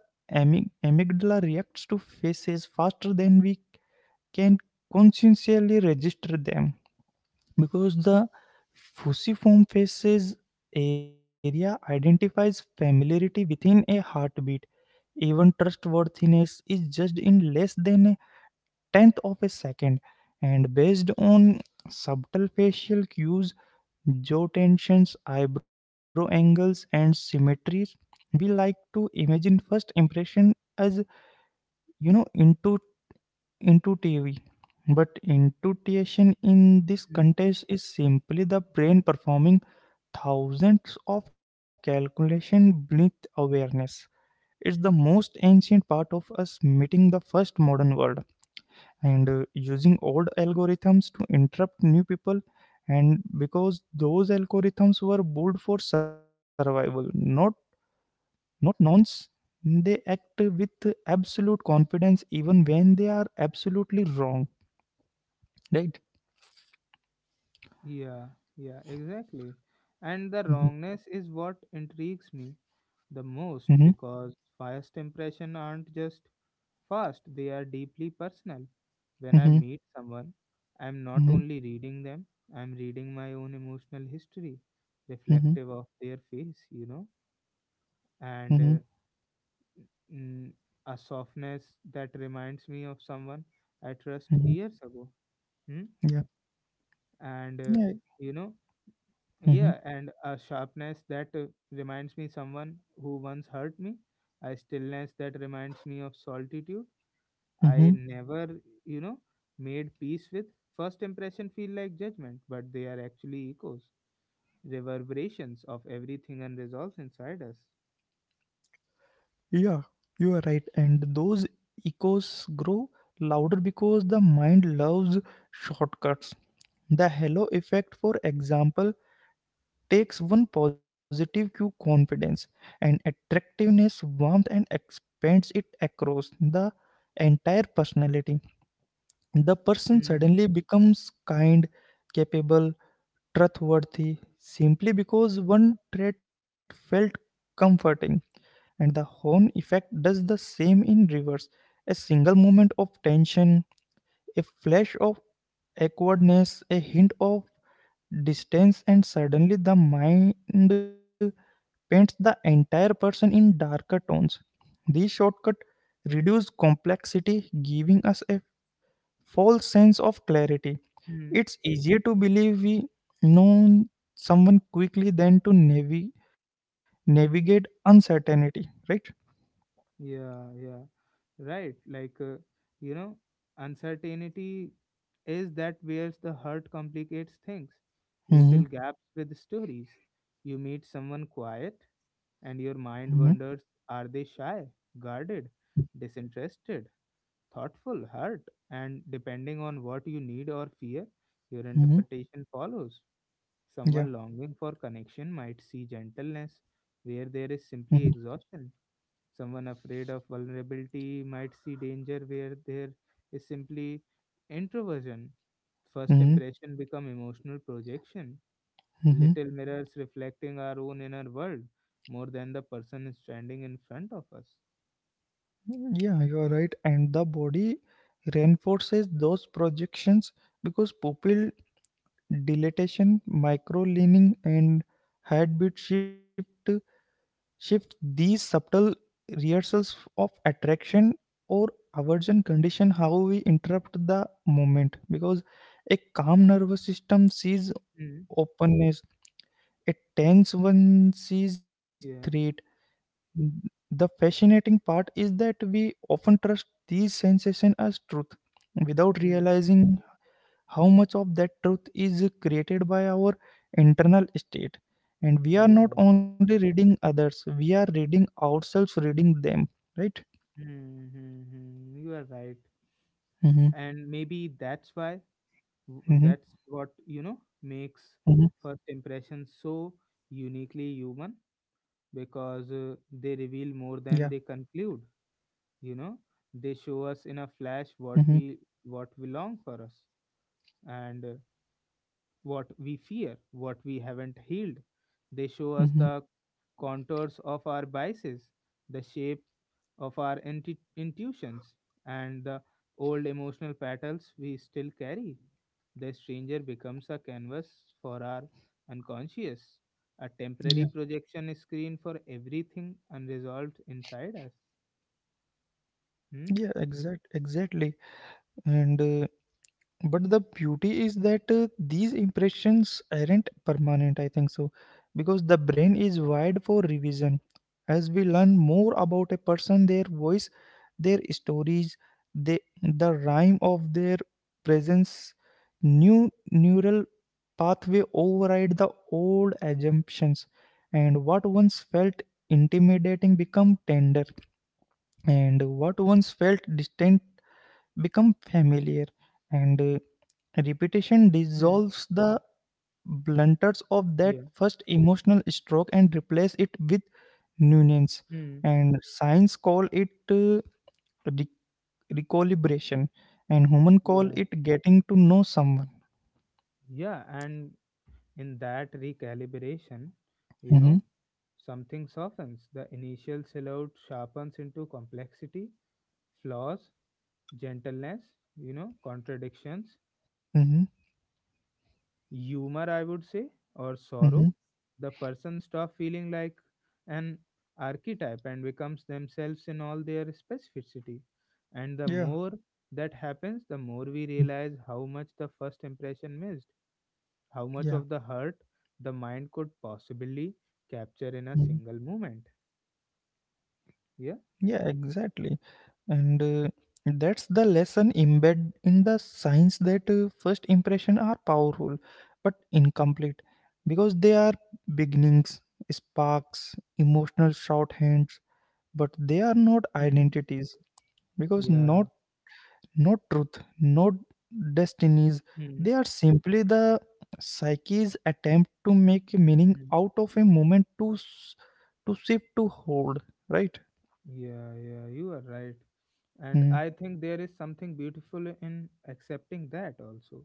Speaker 2: amygdala reacts to faces faster than we can consciously register them, because the fusiform faces area identifies familiarity within a heartbeat. Even trustworthiness is judged in less than a tenth of a second, and based on subtle facial cues: jaw tensions, eyebrow angles, and symmetries. We like to imagine first impression as you know intu- intuitive, but intuition in this context is simply the brain performing thousands of calculation beneath awareness. It's the most ancient part of us meeting the first modern world, and using old algorithms to interrupt new people, and because those algorithms were built for survival, not nonce, they act with absolute confidence even when they are absolutely wrong, right?
Speaker 1: Yeah, yeah, exactly. And the
Speaker 2: Mm-hmm.
Speaker 1: wrongness is what intrigues me the
Speaker 2: Mm-hmm.
Speaker 1: most because first impression aren't just fast, they are deeply personal. When I
Speaker 2: Mm-hmm.
Speaker 1: meet someone, I'm not only reading them, I'm reading my own emotional history,
Speaker 2: Mm-hmm.
Speaker 1: reflective of their face, you know,
Speaker 2: Mm-hmm.
Speaker 1: and mm, a softness that reminds me of someone I trust
Speaker 2: Mm-hmm.
Speaker 1: years ago. Hmm?
Speaker 2: Yeah.
Speaker 1: And,
Speaker 2: Yeah.
Speaker 1: you know,
Speaker 2: Mm-hmm.
Speaker 1: yeah, and a sharpness that reminds me someone who once hurt me, a stillness that reminds me of solitude I
Speaker 2: Mm-hmm.
Speaker 1: never, you know, made peace with. First impression feel like judgment, but they are actually echoes, reverberations of everything unresolved inside us.
Speaker 2: Yeah, you are right. And those echoes grow louder because the mind loves shortcuts. The halo effect, for example, takes one positive cue: confidence and attractiveness, warmth, and expands it across the entire personality. The person suddenly becomes kind, capable, trustworthy, simply because one trait felt comforting. And the horn effect does the same in reverse. A single moment of tension, a flash of awkwardness, a hint of distance, and suddenly the mind paints the entire person in darker tones. These shortcuts reduce complexity, giving us a false sense of clarity.
Speaker 1: Mm.
Speaker 2: It's easier to believe we know someone quickly than to navigate uncertainty, right?
Speaker 1: Yeah, yeah, right. Like, you know, uncertainty is that where's the hurt complicates things. We
Speaker 2: Mhm.
Speaker 1: fill gaps with stories. You meet someone quiet, and your
Speaker 2: Mhm.
Speaker 1: mind wonders are they shy, guarded, disinterested, thoughtful, hurt? And depending on what you need or fear, your
Speaker 2: Mhm.
Speaker 1: interpretation follows.
Speaker 2: Yeah.
Speaker 1: Someone longing for connection might see gentleness where there is
Speaker 2: Mhm.
Speaker 1: simply exhaustion. Someone afraid of vulnerability might see danger where there is simply introversion. First
Speaker 2: Mhm.
Speaker 1: impression become emotional projection,
Speaker 2: Mhm.
Speaker 1: little mirrors reflecting our own inner world more than the person standing in front of us.
Speaker 2: Yeah, you are right. And the body reinforces those projections because pupil dilatation, micro leaning, and heartbeat shift these subtle rehearsals of attraction or aversion condition how we interrupt the moment, because a calm nervous system sees
Speaker 1: Hmm.
Speaker 2: openness, a tense one sees threat.
Speaker 1: Yeah.
Speaker 2: The fascinating part is that we often trust these sensations as truth without
Speaker 1: Hmm.
Speaker 2: realizing how much of that truth is created by our internal state. And we are not
Speaker 1: Yeah.
Speaker 2: only reading others, we are reading ourselves, reading them, right?
Speaker 1: Hmm. Hmm. Hmm. You are right.
Speaker 2: Mm-hmm,
Speaker 1: And maybe that's why
Speaker 2: mm-hmm,
Speaker 1: that's what, you know, makes
Speaker 2: mm-hmm,
Speaker 1: first impression so uniquely human, because
Speaker 2: yeah.
Speaker 1: they reveal more than they conclude, you know, they show us in a flash
Speaker 2: Mm-hmm,
Speaker 1: what we long for us and what we fear, what we haven't healed. They show us
Speaker 2: mm-hmm,
Speaker 1: the contours of our biases, the shape of our intuitions and the old emotional battles we still carry. The stranger becomes a canvas for our unconscious, a temporary
Speaker 2: yeah.
Speaker 1: projection screen for everything unresolved inside us. Hmm?
Speaker 2: Yeah, exact, exactly. And but the beauty is that these impressions aren't permanent, I think so, because the brain is wired for revision. As we learn more about a person, their voice, their stories, the rhyme of their presence, new neural pathway override the old assumptions, and what once felt intimidating become tender, and what once felt distant become familiar, and repetition
Speaker 1: Hmm.
Speaker 2: dissolves the blunters of that
Speaker 1: Yeah.
Speaker 2: first emotional stroke and replace it with nuance,
Speaker 1: Hmm.
Speaker 2: and science call it re- recalibration, and human call
Speaker 1: Yeah.
Speaker 2: it getting to know someone.
Speaker 1: Yeah. And in that recalibration, you
Speaker 2: Mm-hmm,
Speaker 1: know, something softens. The initial silhouette sharpens into complexity, flaws, gentleness, you know, contradictions,
Speaker 2: mm-hmm,
Speaker 1: humor, I would say, or
Speaker 2: mm-hmm.
Speaker 1: sorrow, the person stop feeling like an archetype and becomes themselves in all their specificity. And the
Speaker 2: Yeah.
Speaker 1: more that happens, the more we realize how much the first impression missed, how much
Speaker 2: Yeah.
Speaker 1: of the hurt the mind could possibly capture in a single moment. Yeah.
Speaker 2: Yeah, exactly. And that's the lesson embedded in the science, that first impression are powerful but incomplete because they are beginnings, sparks, emotional shorthands, but they are not
Speaker 1: Mm.
Speaker 2: identities, because
Speaker 1: Yeah.
Speaker 2: not truth, not destinies.
Speaker 1: Mm.
Speaker 2: They are simply the psyche's attempt to make meaning out of a moment, to shift to hold. Right?
Speaker 1: Yeah, yeah, you are right. And
Speaker 2: Mm,
Speaker 1: I think there is something beautiful in accepting that also,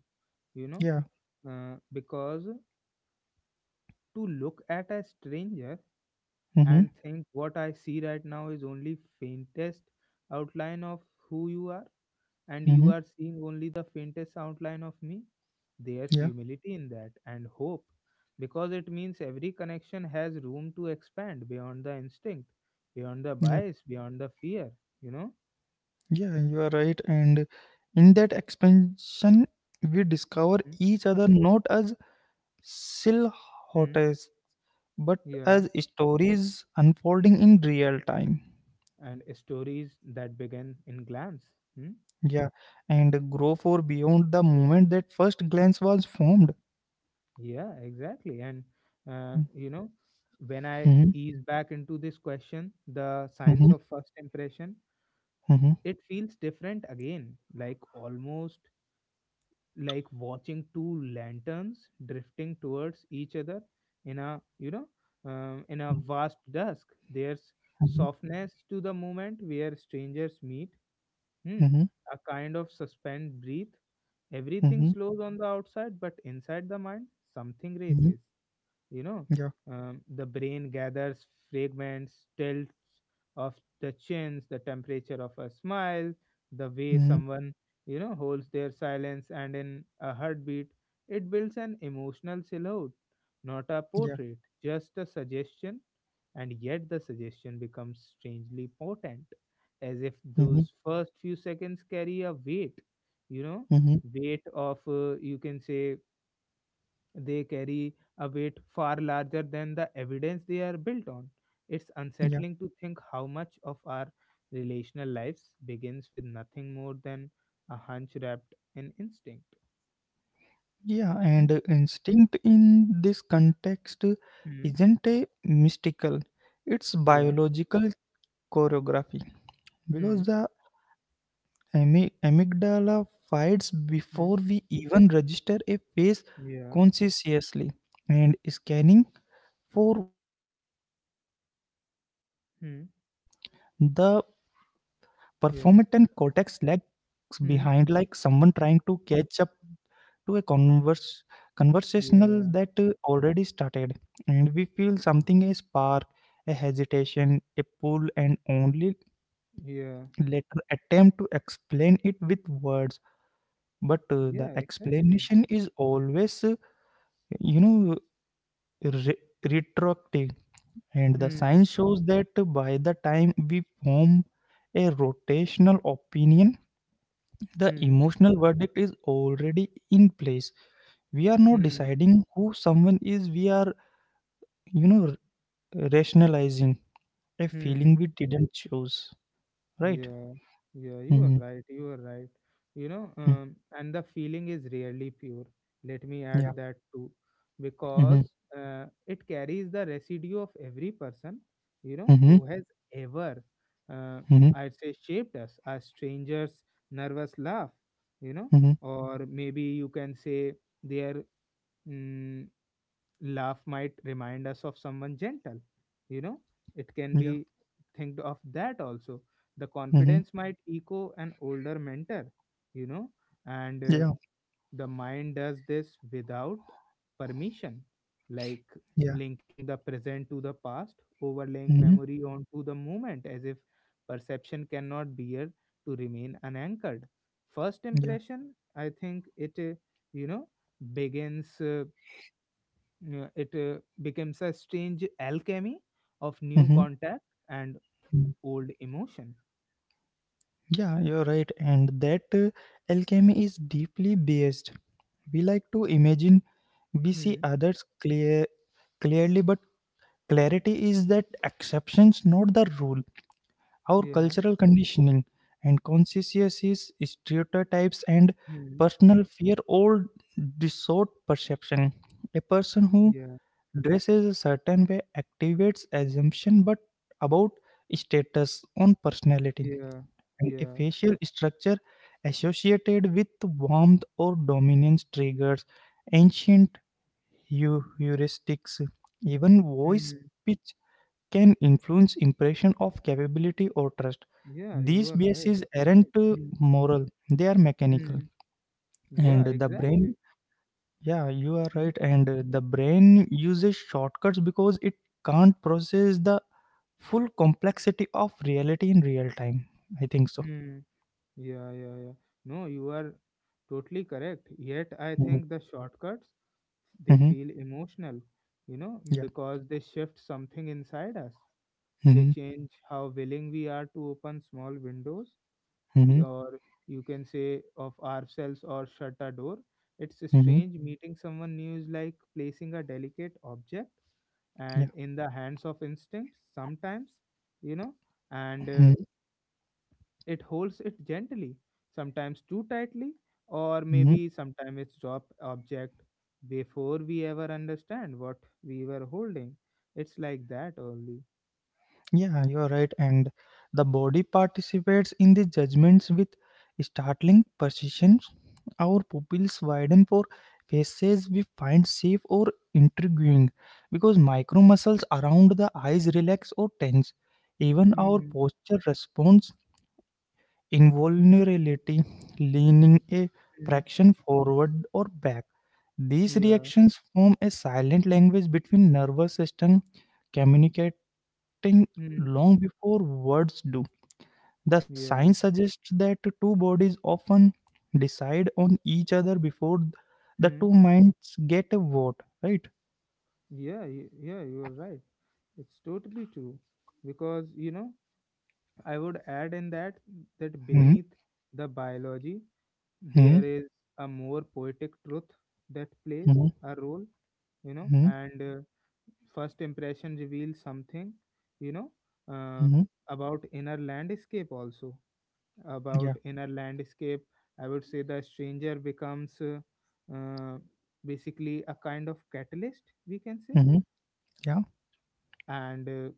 Speaker 1: you know,
Speaker 2: yeah.
Speaker 1: because to look at a stranger
Speaker 2: Mm-hmm.
Speaker 1: and think what I see right now is only faintest outline of who you are, and
Speaker 2: Mm-hmm.
Speaker 1: you are seeing only the faintest outline of me, there's
Speaker 2: Yeah,
Speaker 1: humility in that and hope, because it means every connection has room to expand beyond the instinct, beyond the
Speaker 2: yeah,
Speaker 1: bias, beyond the fear, you know.
Speaker 2: yeah, you are right. And in that expansion, we discover each other not as
Speaker 1: Hmm.
Speaker 2: silhouettes, but
Speaker 1: Yeah,
Speaker 2: as stories unfolding in real time.
Speaker 1: and stories that began in glance. Hmm.
Speaker 2: Yeah, and grow for beyond the moment that first glance was formed.
Speaker 1: Yeah, exactly. And you know, when I
Speaker 2: Mm-hmm.
Speaker 1: ease back into this question, the science
Speaker 2: Mm-hmm.
Speaker 1: of first impression,
Speaker 2: Mm-hmm.
Speaker 1: it feels different again, like almost like watching two lanterns drifting towards each other in a, you know, in a vast dusk. There's
Speaker 2: Mm-hmm.
Speaker 1: softness to the moment where strangers meet. Hmm. A kind of suspend breath. Everything
Speaker 2: Mm-hmm.
Speaker 1: slows on the outside, but inside the mind, something
Speaker 2: Mm-hmm.
Speaker 1: races, you know,
Speaker 2: Yeah.
Speaker 1: the brain gathers fragments, tilts of the chins, the temperature of a smile, the way
Speaker 2: Mm-hmm.
Speaker 1: someone, you know, holds their silence, and in a heartbeat it builds an emotional silhouette, not a
Speaker 2: Yeah.
Speaker 1: portrait, just a suggestion, and yet the suggestion becomes strangely potent, as if
Speaker 2: Mm-hmm.
Speaker 1: those first few seconds carry a weight, you know,
Speaker 2: Mm-hmm.
Speaker 1: weight of you can say they carry a weight far larger than the evidence they are built on. It's unsettling to think how much of our relational lives begins with nothing more than a hunch wrapped in instinct.
Speaker 2: Yeah,
Speaker 1: Hmm.
Speaker 2: and instinct in this context
Speaker 1: Hmm.
Speaker 2: isn't a mystical, it's
Speaker 1: Yeah.
Speaker 2: biological choreography, because
Speaker 1: Hmm.
Speaker 2: the amygdala fights
Speaker 1: Hmm.
Speaker 2: before we even register a face
Speaker 1: Yeah.
Speaker 2: consciously, and scanning for warmth or tension. The
Speaker 1: Hmm.
Speaker 2: performatin cortex
Speaker 1: Yeah.
Speaker 2: lags behind, like
Speaker 1: Hmm.
Speaker 2: someone trying to catch up to a converse conversational
Speaker 1: Yeah.
Speaker 2: that already started, and we feel something: a spark, a hesitation, a pull, and only
Speaker 1: Yeah.
Speaker 2: later attempt to explain it with words. But the
Speaker 1: Yeah. Exactly.
Speaker 2: explanation is always you know re- retroactive, and the
Speaker 1: Hmm.
Speaker 2: science shows that by the time we form a rotational opinion, the
Speaker 1: Hmm.
Speaker 2: emotional verdict is already in place. We are not
Speaker 1: Hmm.
Speaker 2: deciding who someone is, we are, you know, rationalizing a feeling
Speaker 1: Hmm.
Speaker 2: we didn't choose, right?
Speaker 1: Yeah, yeah, you are
Speaker 2: Mm-hmm.
Speaker 1: right. You are right. You know, and the feeling is really pure. Let me
Speaker 2: Yeah.
Speaker 1: add that too,
Speaker 2: Mm-hmm.
Speaker 1: because it carries the residue of every person, you know,
Speaker 2: Mm-hmm.
Speaker 1: who has ever, uh,
Speaker 2: Mm-hmm.
Speaker 1: I'd say, shaped us. A stranger's nervous laugh, you know,
Speaker 2: Mm-hmm.
Speaker 1: or maybe you can say their mm laugh might remind us of someone gentle, you know, it can
Speaker 2: Yeah.
Speaker 1: be, think of that also, the
Speaker 2: Mm-hmm.
Speaker 1: confidence might echo an older mentor, you know, and
Speaker 2: Yeah.
Speaker 1: the mind does this without permission, like
Speaker 2: Yeah.
Speaker 1: linking the present to the past, overlaying
Speaker 2: Mm-hmm.
Speaker 1: memory onto the moment as if perception cannot bear to remain unanchored. First
Speaker 2: Yeah.
Speaker 1: impression, I think it you know begins It becomes a strange alchemy of new
Speaker 2: Mm-hmm.
Speaker 1: contact and old emotion.
Speaker 2: Yeah, you're right. And that alchemy is deeply biased. We like to imagine we see
Speaker 1: Hmm.
Speaker 2: others clearly, but clarity is that exceptions, not the rule. Our
Speaker 1: Yeah.
Speaker 2: cultural conditioning and conscientious stereotypes and
Speaker 1: Hmm.
Speaker 2: personal fear all distort perception. A person who
Speaker 1: Yeah.
Speaker 2: dresses a certain way activates assumption but about status on personality,
Speaker 1: Yeah.
Speaker 2: and a
Speaker 1: Yeah.
Speaker 2: facial structure associated with warmth or dominance triggers ancient heuristics. Even voice
Speaker 1: Hmm.
Speaker 2: pitch can influence impression of capability or trust.
Speaker 1: Yeah. You
Speaker 2: These
Speaker 1: are right.
Speaker 2: biases aren't
Speaker 1: Hmm.
Speaker 2: moral, they are mechanical.
Speaker 1: Hmm. Yeah.
Speaker 2: And the
Speaker 1: Exactly.
Speaker 2: brain, yeah, you are
Speaker 1: Hmm.
Speaker 2: right. And the brain uses shortcuts because it can't process the full complexity of reality in real time. I think so.
Speaker 1: Hmm. Yeah. Yeah. Yeah. No, you are totally correct. Yet I
Speaker 2: Mm-hmm.
Speaker 1: think the shortcuts, they
Speaker 2: Mm-hmm.
Speaker 1: feel emotional, you know,
Speaker 2: Yeah.
Speaker 1: because they shift something inside us. They
Speaker 2: Mm-hmm.
Speaker 1: change how willing we are to open small windows
Speaker 2: Mm-hmm.
Speaker 1: or, you can say, of ourselves or shut a door. It's
Speaker 2: Mm-hmm.
Speaker 1: strange meeting someone new is like placing a delicate object
Speaker 2: Yeah.
Speaker 1: and in the hands of instinct sometimes, you know, and
Speaker 2: Mm-hmm.
Speaker 1: it holds it gently, sometimes too tightly, or
Speaker 2: Mm-hmm.
Speaker 1: maybe sometimes it's drop object before we ever understand what we were holding. It's like that only.
Speaker 2: Yeah, you're right. And the body participates in the judgments with startling precision. Our pupils widen for faces we find safe or intriguing, because micro muscles around the eyes relax or tense. Even our
Speaker 1: Hmm.
Speaker 2: posture responds involuntarily, leaning a
Speaker 1: Hmm.
Speaker 2: fraction forward or back. These
Speaker 1: Yeah.
Speaker 2: reactions form a silent language between nervous system, acting
Speaker 1: Hmm.
Speaker 2: long before words do. The science
Speaker 1: Yeah.
Speaker 2: suggests that two bodies often decide on each other before the
Speaker 1: Hmm.
Speaker 2: two minds get a vote, right?
Speaker 1: Yeah. Yeah. You are right. It's totally true because you know I would add in that
Speaker 2: Hmm.
Speaker 1: beneath the biology
Speaker 2: Hmm.
Speaker 1: there is a more poetic truth that plays
Speaker 2: Hmm.
Speaker 1: a role
Speaker 2: Hmm.
Speaker 1: and first impression reveals something you know uh,
Speaker 2: Hmm.
Speaker 1: about inner landscape also
Speaker 2: Yeah.
Speaker 1: about inner landscape. I would say the stranger becomes uh, basically a kind of catalyst we can say
Speaker 2: Hmm. Yeah.
Speaker 1: and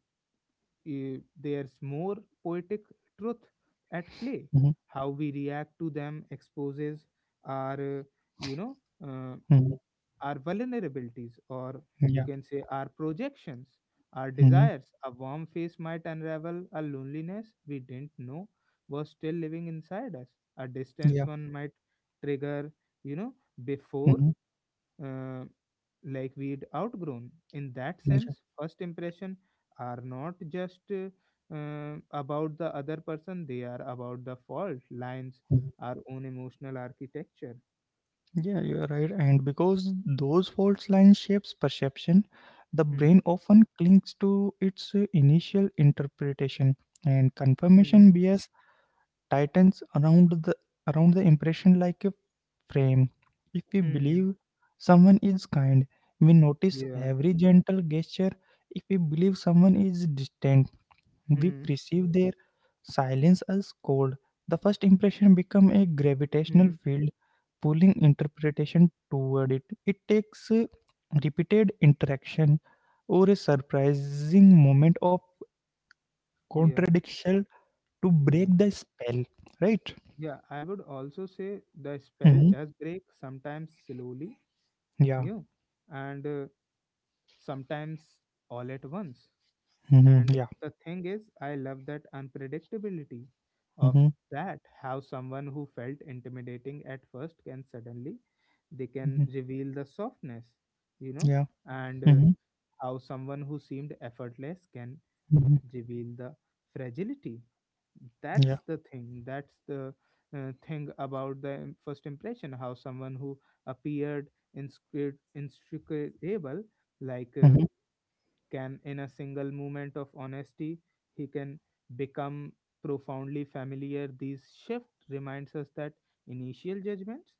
Speaker 1: there's more poetic truth at play.
Speaker 2: Hmm.
Speaker 1: How we react to them exposes our, you know, uh,
Speaker 2: Hmm.
Speaker 1: our vulnerabilities, or
Speaker 2: Yeah. Hmm.
Speaker 1: you
Speaker 2: Yeah.
Speaker 1: can say our projections, our
Speaker 2: Hmm.
Speaker 1: desires. A warm face might unravel a loneliness we didn't know was still living inside us. A distance one might trigger, you know, before uh, like we'd outgrown. In that
Speaker 2: Yeah.
Speaker 1: sense, first impression are not just about the other person; they are about the fault lines,
Speaker 2: Mhm.
Speaker 1: our own emotional architecture.
Speaker 2: Yeah, you are right. And because those fault lines shapes perception, the
Speaker 1: Hmm.
Speaker 2: brain often clings to its initial interpretation, and
Speaker 1: Hmm.
Speaker 2: confirmation bias tightens around the impression like a frame. If we
Speaker 1: Hmm.
Speaker 2: believe someone is kind, we notice
Speaker 1: Yeah.
Speaker 2: every gentle gesture. If we believe someone is distant, we
Speaker 1: Hmm.
Speaker 2: perceive their silence as cold. The first impression becomes a gravitational
Speaker 1: Hmm.
Speaker 2: field, pulling interpretation toward it. It takes repeated interaction or a surprising moment of
Speaker 1: Yeah.
Speaker 2: contradiction to
Speaker 1: Yeah.
Speaker 2: break the spell, right?
Speaker 1: Yeah. I would also say the spell
Speaker 2: Mhm.
Speaker 1: does break sometimes slowly.
Speaker 2: Yeah.
Speaker 1: Yeah. And sometimes all at once.
Speaker 2: Mhm.
Speaker 1: And
Speaker 2: Yeah.
Speaker 1: the thing is, I love that unpredictability of
Speaker 2: Mhm.
Speaker 1: that, how someone who felt intimidating at first can suddenly they can
Speaker 2: Mhm.
Speaker 1: reveal the softness, you know,
Speaker 2: Yeah.
Speaker 1: and
Speaker 2: Mhm.
Speaker 1: how someone who seemed effortless can
Speaker 2: Mhm.
Speaker 1: reveal the fragility.
Speaker 2: Yeah.
Speaker 1: That's the thing. That's the thing about the first impression, how someone who appeared inscrutable, like.
Speaker 2: Mhm.
Speaker 1: Can, in a single moment of honesty, he can become profoundly familiar. This shift reminds us that initial judgments,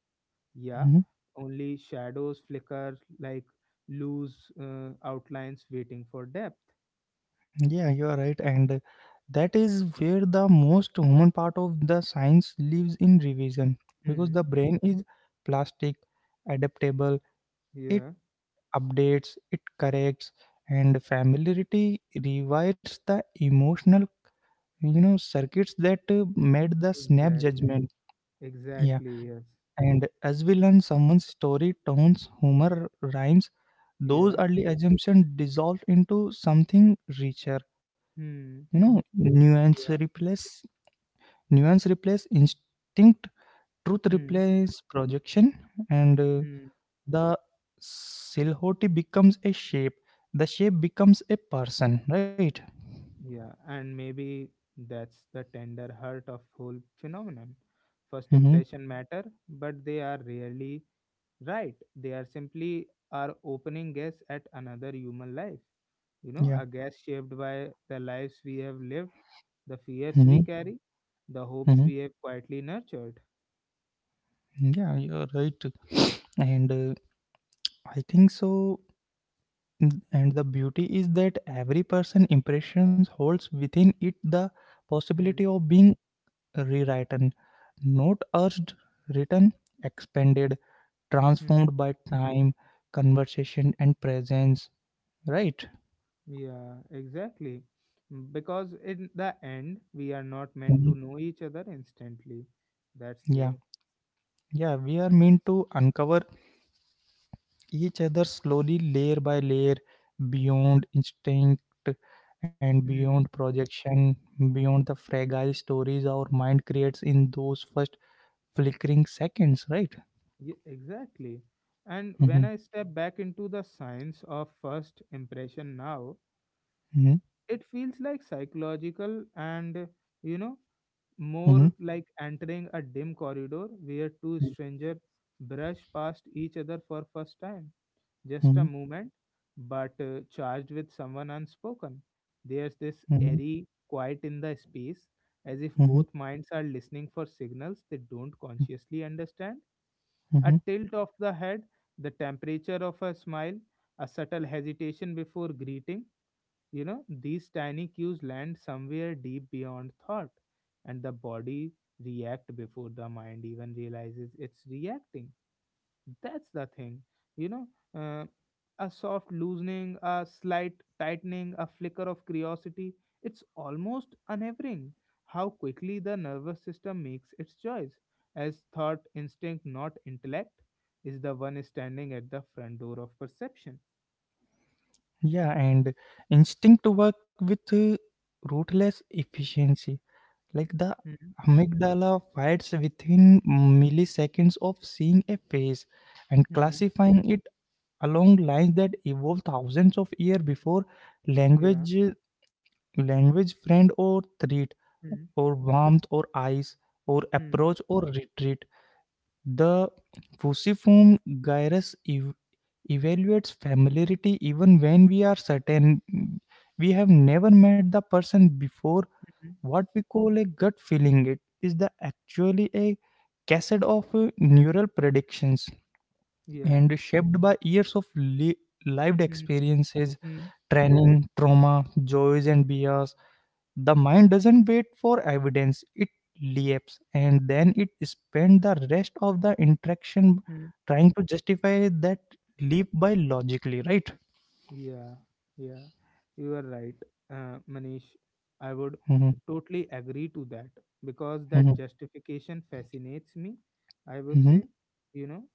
Speaker 1: yeah,
Speaker 2: Mhm.
Speaker 1: only shadows flicker like loose outlines waiting for depth.
Speaker 2: Yeah, you are right. And that is where the most human part of the science lives in revision, because the
Speaker 1: Hmm.
Speaker 2: brain is plastic, adaptable, it
Speaker 1: Yeah.
Speaker 2: updates, it corrects, and familiarity rewires the emotional circuits that made the snap
Speaker 1: Exactly.
Speaker 2: judgment. Yeah,
Speaker 1: Exactly. Yes.
Speaker 2: and as we learn someone's story tones humor rhymes, those
Speaker 1: Yeah.
Speaker 2: early assumptions dissolve into something richer.
Speaker 1: Hmm.
Speaker 2: you know nuance
Speaker 1: Yeah.
Speaker 2: replace nuance replace instinct, truth
Speaker 1: Hmm.
Speaker 2: replace projection, and
Speaker 1: Hmm.
Speaker 2: the silhouette becomes a shape, the shape becomes a person, right?
Speaker 1: Yeah, and maybe that's the tender heart of whole phenomenon. First
Speaker 2: Mm-hmm.
Speaker 1: impression matter, but they are rarely right. They are simply our opening guess at another human life. You know, a
Speaker 2: Yeah.
Speaker 1: guess shaped by the lives we have lived, the fears
Speaker 2: Mm-hmm.
Speaker 1: we carry, the hopes
Speaker 2: Mm-hmm.
Speaker 1: we have quietly nurtured.
Speaker 2: Yeah, you're right. and I think so. Mm, and the beauty is that every person impressions holds within it the
Speaker 1: Hmm.
Speaker 2: possibility of being rewritten, not urged, written, expanded,
Speaker 1: Hmm.
Speaker 2: transformed by time, conversation, and presence. Right?
Speaker 1: Yeah, exactly. Mm, because in the end, we are not meant
Speaker 2: Mhm.
Speaker 1: to know each other instantly. That's
Speaker 2: Yeah.
Speaker 1: there.
Speaker 2: Yeah. We are meant to uncover each other slowly, layer by layer, beyond instinct and beyond
Speaker 1: Hmm.
Speaker 2: projection, beyond the fragile stories our mind creates in those first flickering seconds. Right?
Speaker 1: Yeah, exactly. And when
Speaker 2: Mm-hmm.
Speaker 1: I step back into the science of first impression now, it feels like psychological and, you know,
Speaker 2: Mm-hmm.
Speaker 1: more like entering a dim corridor where two
Speaker 2: Mm-hmm.
Speaker 1: strangers brush past each other for first time just a
Speaker 2: Mm-hmm.
Speaker 1: moment, but charged with someone unspoken. There's this airy quiet in the space, as if
Speaker 2: Mm-hmm.
Speaker 1: both minds are listening for signals they don't consciously understand. A
Speaker 2: Mm-hmm.
Speaker 1: tilt of the head, the temperature of a smile, a subtle hesitation before greeting. You know, these tiny cues land somewhere deep beyond thought, and the body react before the mind even realizes it's reacting that's the thing, you know. Uh, a soft loosening, a slight tightening, a flicker of curiosity. It's almost unnerving how quickly the nervous system makes its choice, as thought, instinct, not intellect, is the one standing at the front door of perception.
Speaker 2: Yeah, and instinct to work with ruthless efficiency. Like the
Speaker 1: Hmm.
Speaker 2: amygdala fights within milliseconds of seeing a face and
Speaker 1: Hmm.
Speaker 2: classifying it along lines that evolved thousands of years before
Speaker 1: Yeah.
Speaker 2: language, language, friend or threat,
Speaker 1: Hmm.
Speaker 2: or warmth or ice, or
Speaker 1: Hmm.
Speaker 2: approach or retreat. The fusiform gyrus evaluates familiarity even when we are certain we have never met the person before.
Speaker 1: Hmm.
Speaker 2: What we call a gut feeling, it is the actually a cassette of neural predictions
Speaker 1: Yeah.
Speaker 2: and shaped by years of lived
Speaker 1: Hmm.
Speaker 2: experiences, training, trauma, joys and bias. The mind doesn't wait for evidence, it leaps and then it spends the rest of the interaction
Speaker 1: Hmm.
Speaker 2: trying to justify that leap by logically, right?
Speaker 1: Yeah, yeah, you are right, Manish. I would
Speaker 2: Mhm,
Speaker 1: totally agree to that because that
Speaker 2: mhm,
Speaker 1: justification fascinates me, I would
Speaker 2: mhm,
Speaker 1: say, you know.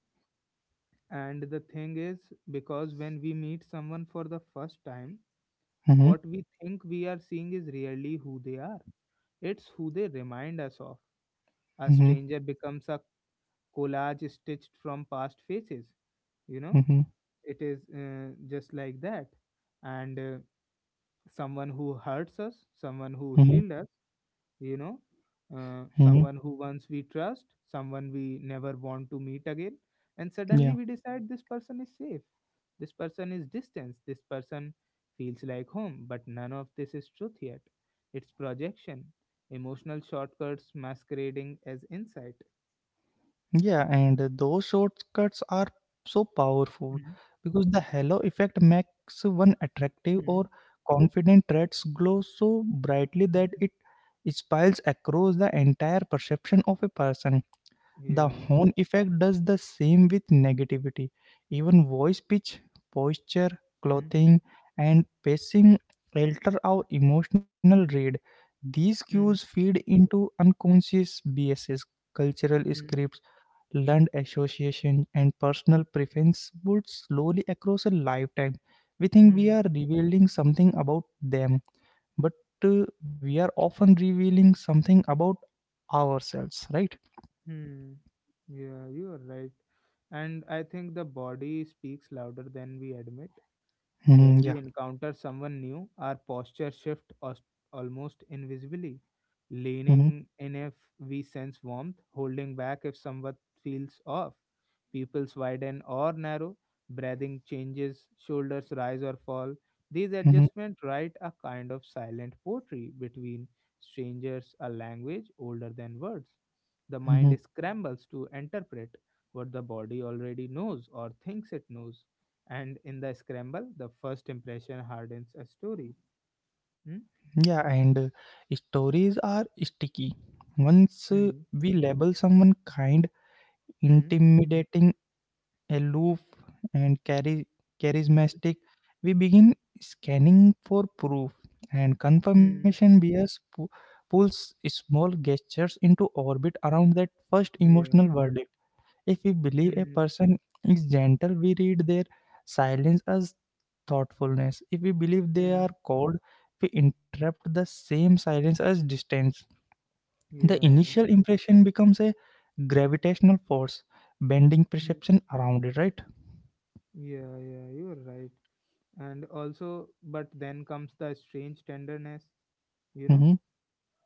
Speaker 1: And the thing is, because when we meet someone for the first time,
Speaker 2: mhm,
Speaker 1: what we think we are seeing is really who they are, it's who they remind us of. A
Speaker 2: mhm,
Speaker 1: stranger becomes a collage stitched from past faces, you know,
Speaker 2: mhm,
Speaker 1: it is just like that. And someone who hurts us, someone who
Speaker 2: mhm,
Speaker 1: healed us, you know,
Speaker 2: mhm.
Speaker 1: someone who once we trust, someone we never want to meet again. And suddenly
Speaker 2: Yeah,
Speaker 1: we decide this person is safe, this person is distance, this person feels like home. But none of this is truth yet. It's projection, emotional shortcuts masquerading as insight.
Speaker 2: yeah, and those shortcuts are so powerful
Speaker 1: Mm,
Speaker 2: because the halo effect makes one attractive
Speaker 1: mm,
Speaker 2: or confident traits glow so brightly that
Speaker 1: mm.
Speaker 2: it spills across the entire perception of a person. The
Speaker 1: Yeah.
Speaker 2: horn effect does the same with negativity. Even voice pitch, posture,
Speaker 1: Mm,
Speaker 2: clothing, and pacing alter our emotional read. These cues
Speaker 1: mm,
Speaker 2: feed into unconscious biases, cultural
Speaker 1: mm,
Speaker 2: scripts, learned association, and personal preference would slowly across a lifetime. We think we
Speaker 1: mm.
Speaker 2: are revealing something about them, but we are often revealing something about ourselves, right?
Speaker 1: Hmm. Yeah, you are right. And I think the body speaks louder than we admit. When
Speaker 2: Mhm,
Speaker 1: we
Speaker 2: yeah.
Speaker 1: encounter someone new, our posture shifts almost invisibly,
Speaker 2: Mhm.
Speaker 1: leaning in if we sense warmth, holding back if somewhat feels off. Pupils widen or narrow, breathing changes, shoulders rise or fall. These
Speaker 2: Mhm,
Speaker 1: adjustments write a kind of silent poetry between strangers, a language older than words. The mind
Speaker 2: mhm.
Speaker 1: scrambles to interpret what the body already knows or thinks it knows and in the scramble the first impression hardens a story. Hmm?
Speaker 2: Yeah, and stories are sticky. Once
Speaker 1: Hmm.
Speaker 2: we label someone kind,
Speaker 1: Hmm.
Speaker 2: intimidating, aloof, and
Speaker 1: Hmm.
Speaker 2: charismatic, we begin scanning for proof, and
Speaker 1: Hmm.
Speaker 2: confirmation bias pulls small gestures into orbit around that first
Speaker 1: Yeah.
Speaker 2: emotional verdict. If we believe a
Speaker 1: Hmm.
Speaker 2: person is gentle, we read their silence as thoughtfulness. If we believe they
Speaker 1: Hmm.
Speaker 2: are cold, we interpret the same silence as distance. The
Speaker 1: Yeah.
Speaker 2: initial impression becomes a gravitational force, bending
Speaker 1: Hmm.
Speaker 2: perception around it, right?
Speaker 1: Yeah, yeah, you're right. And also, but then comes the strange tenderness, you know
Speaker 2: Mm-hmm.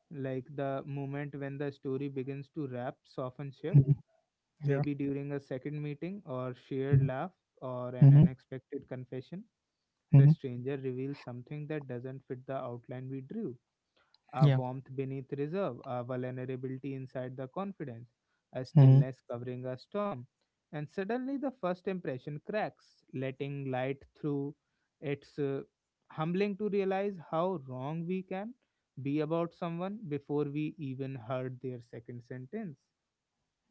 Speaker 1: like the moment when the story begins to wrap soften shift,
Speaker 2: Mm-hmm. Yeah.
Speaker 1: maybe during a second meeting or shared
Speaker 2: Mm-hmm.
Speaker 1: laugh or an unexpected confession. The
Speaker 2: Mm-hmm.
Speaker 1: stranger reveals something that doesn't fit the outline we drew, a
Speaker 2: Yeah.
Speaker 1: warmth beneath reserve, a vulnerability inside the confidence, a
Speaker 2: Hmm.
Speaker 1: stillness covering a storm. And suddenly the first impression cracks, letting light through. It's humbling to realize how wrong we can be about someone before we even heard their second sentence.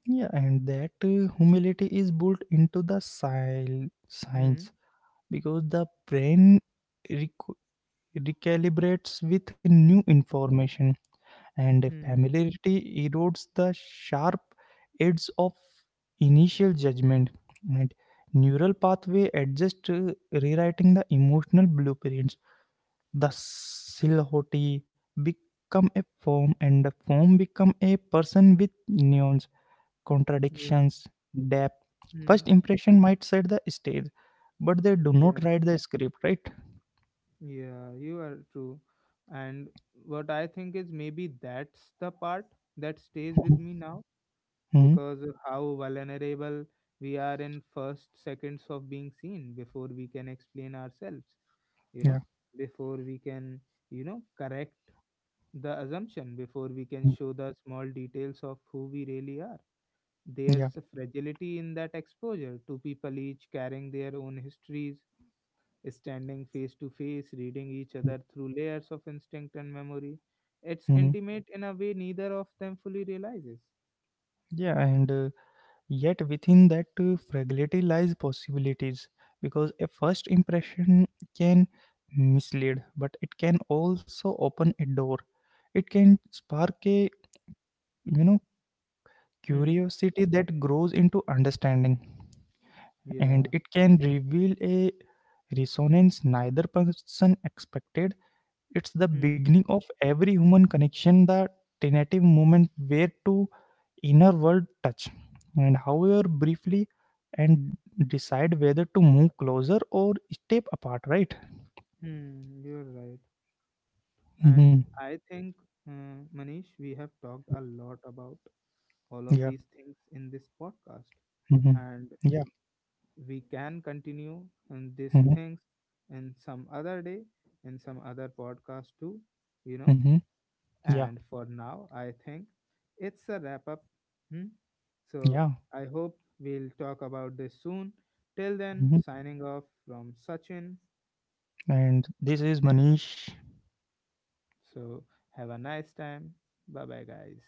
Speaker 2: Yeah, and that humility is built into the sil- science
Speaker 1: Hmm.
Speaker 2: because the brain recalibrates with new
Speaker 1: Hmm.
Speaker 2: information, and
Speaker 1: Hmm.
Speaker 2: familiarity erodes the sharp edges of initial judgment. And neural pathway adjust, rewriting the emotional blueprints. The silhouette become a form, and the form become a person with nuance,
Speaker 1: Yeah.
Speaker 2: contradictions, depth.
Speaker 1: Hmm.
Speaker 2: First impression might set the stage, but they do
Speaker 1: Yeah.
Speaker 2: not write the script, right?
Speaker 1: Yeah. You are true. And what I think is maybe that's the part that stays
Speaker 2: Mhm.
Speaker 1: with me now
Speaker 2: Mhm.
Speaker 1: because of how vulnerable we are in first seconds of being seen before we can explain ourselves, you know
Speaker 2: Yeah.
Speaker 1: before we can correct the assumption, before we can
Speaker 2: Hmm.
Speaker 1: show the small details of who we really are. There's
Speaker 2: Yeah.
Speaker 1: a fragility in that exposure, two people each carrying their own histories standing face to face, reading each
Speaker 2: Hmm.
Speaker 1: other through layers of instinct and memory. It's
Speaker 2: hmm
Speaker 1: intimate in a way neither of them fully realizes.
Speaker 2: Yeah, and yet within that fragility lies possibilities because a first impression can mislead, but it can also open a door. It can spark a, you know,
Speaker 1: Hmm.
Speaker 2: curiosity that grows into understanding, and
Speaker 1: Yeah.
Speaker 2: it can reveal a resonance neither person expected. It's the beginning of every human connection, the tentative moment where to inner world touch and, however briefly, and decide whether to move closer or step apart, right?
Speaker 1: Hmm, you're right. And
Speaker 2: Hmm.
Speaker 1: I think, Manish, we have talked a lot about all of
Speaker 2: Yeah.
Speaker 1: these things in this podcast.
Speaker 2: Hmm.
Speaker 1: And
Speaker 2: Yeah.
Speaker 1: we can continue on these
Speaker 2: Hmm.
Speaker 1: things in some other day, in some other podcast too, you know.
Speaker 2: Hmm. Yeah.
Speaker 1: And for now, I think it's a wrap up. Hmm? So
Speaker 2: Yeah.
Speaker 1: I hope we'll talk about this soon. Till then,
Speaker 2: Hmm.
Speaker 1: signing off from Sachin.
Speaker 2: And this is Manish.
Speaker 1: So have a nice time. Bye bye, guys.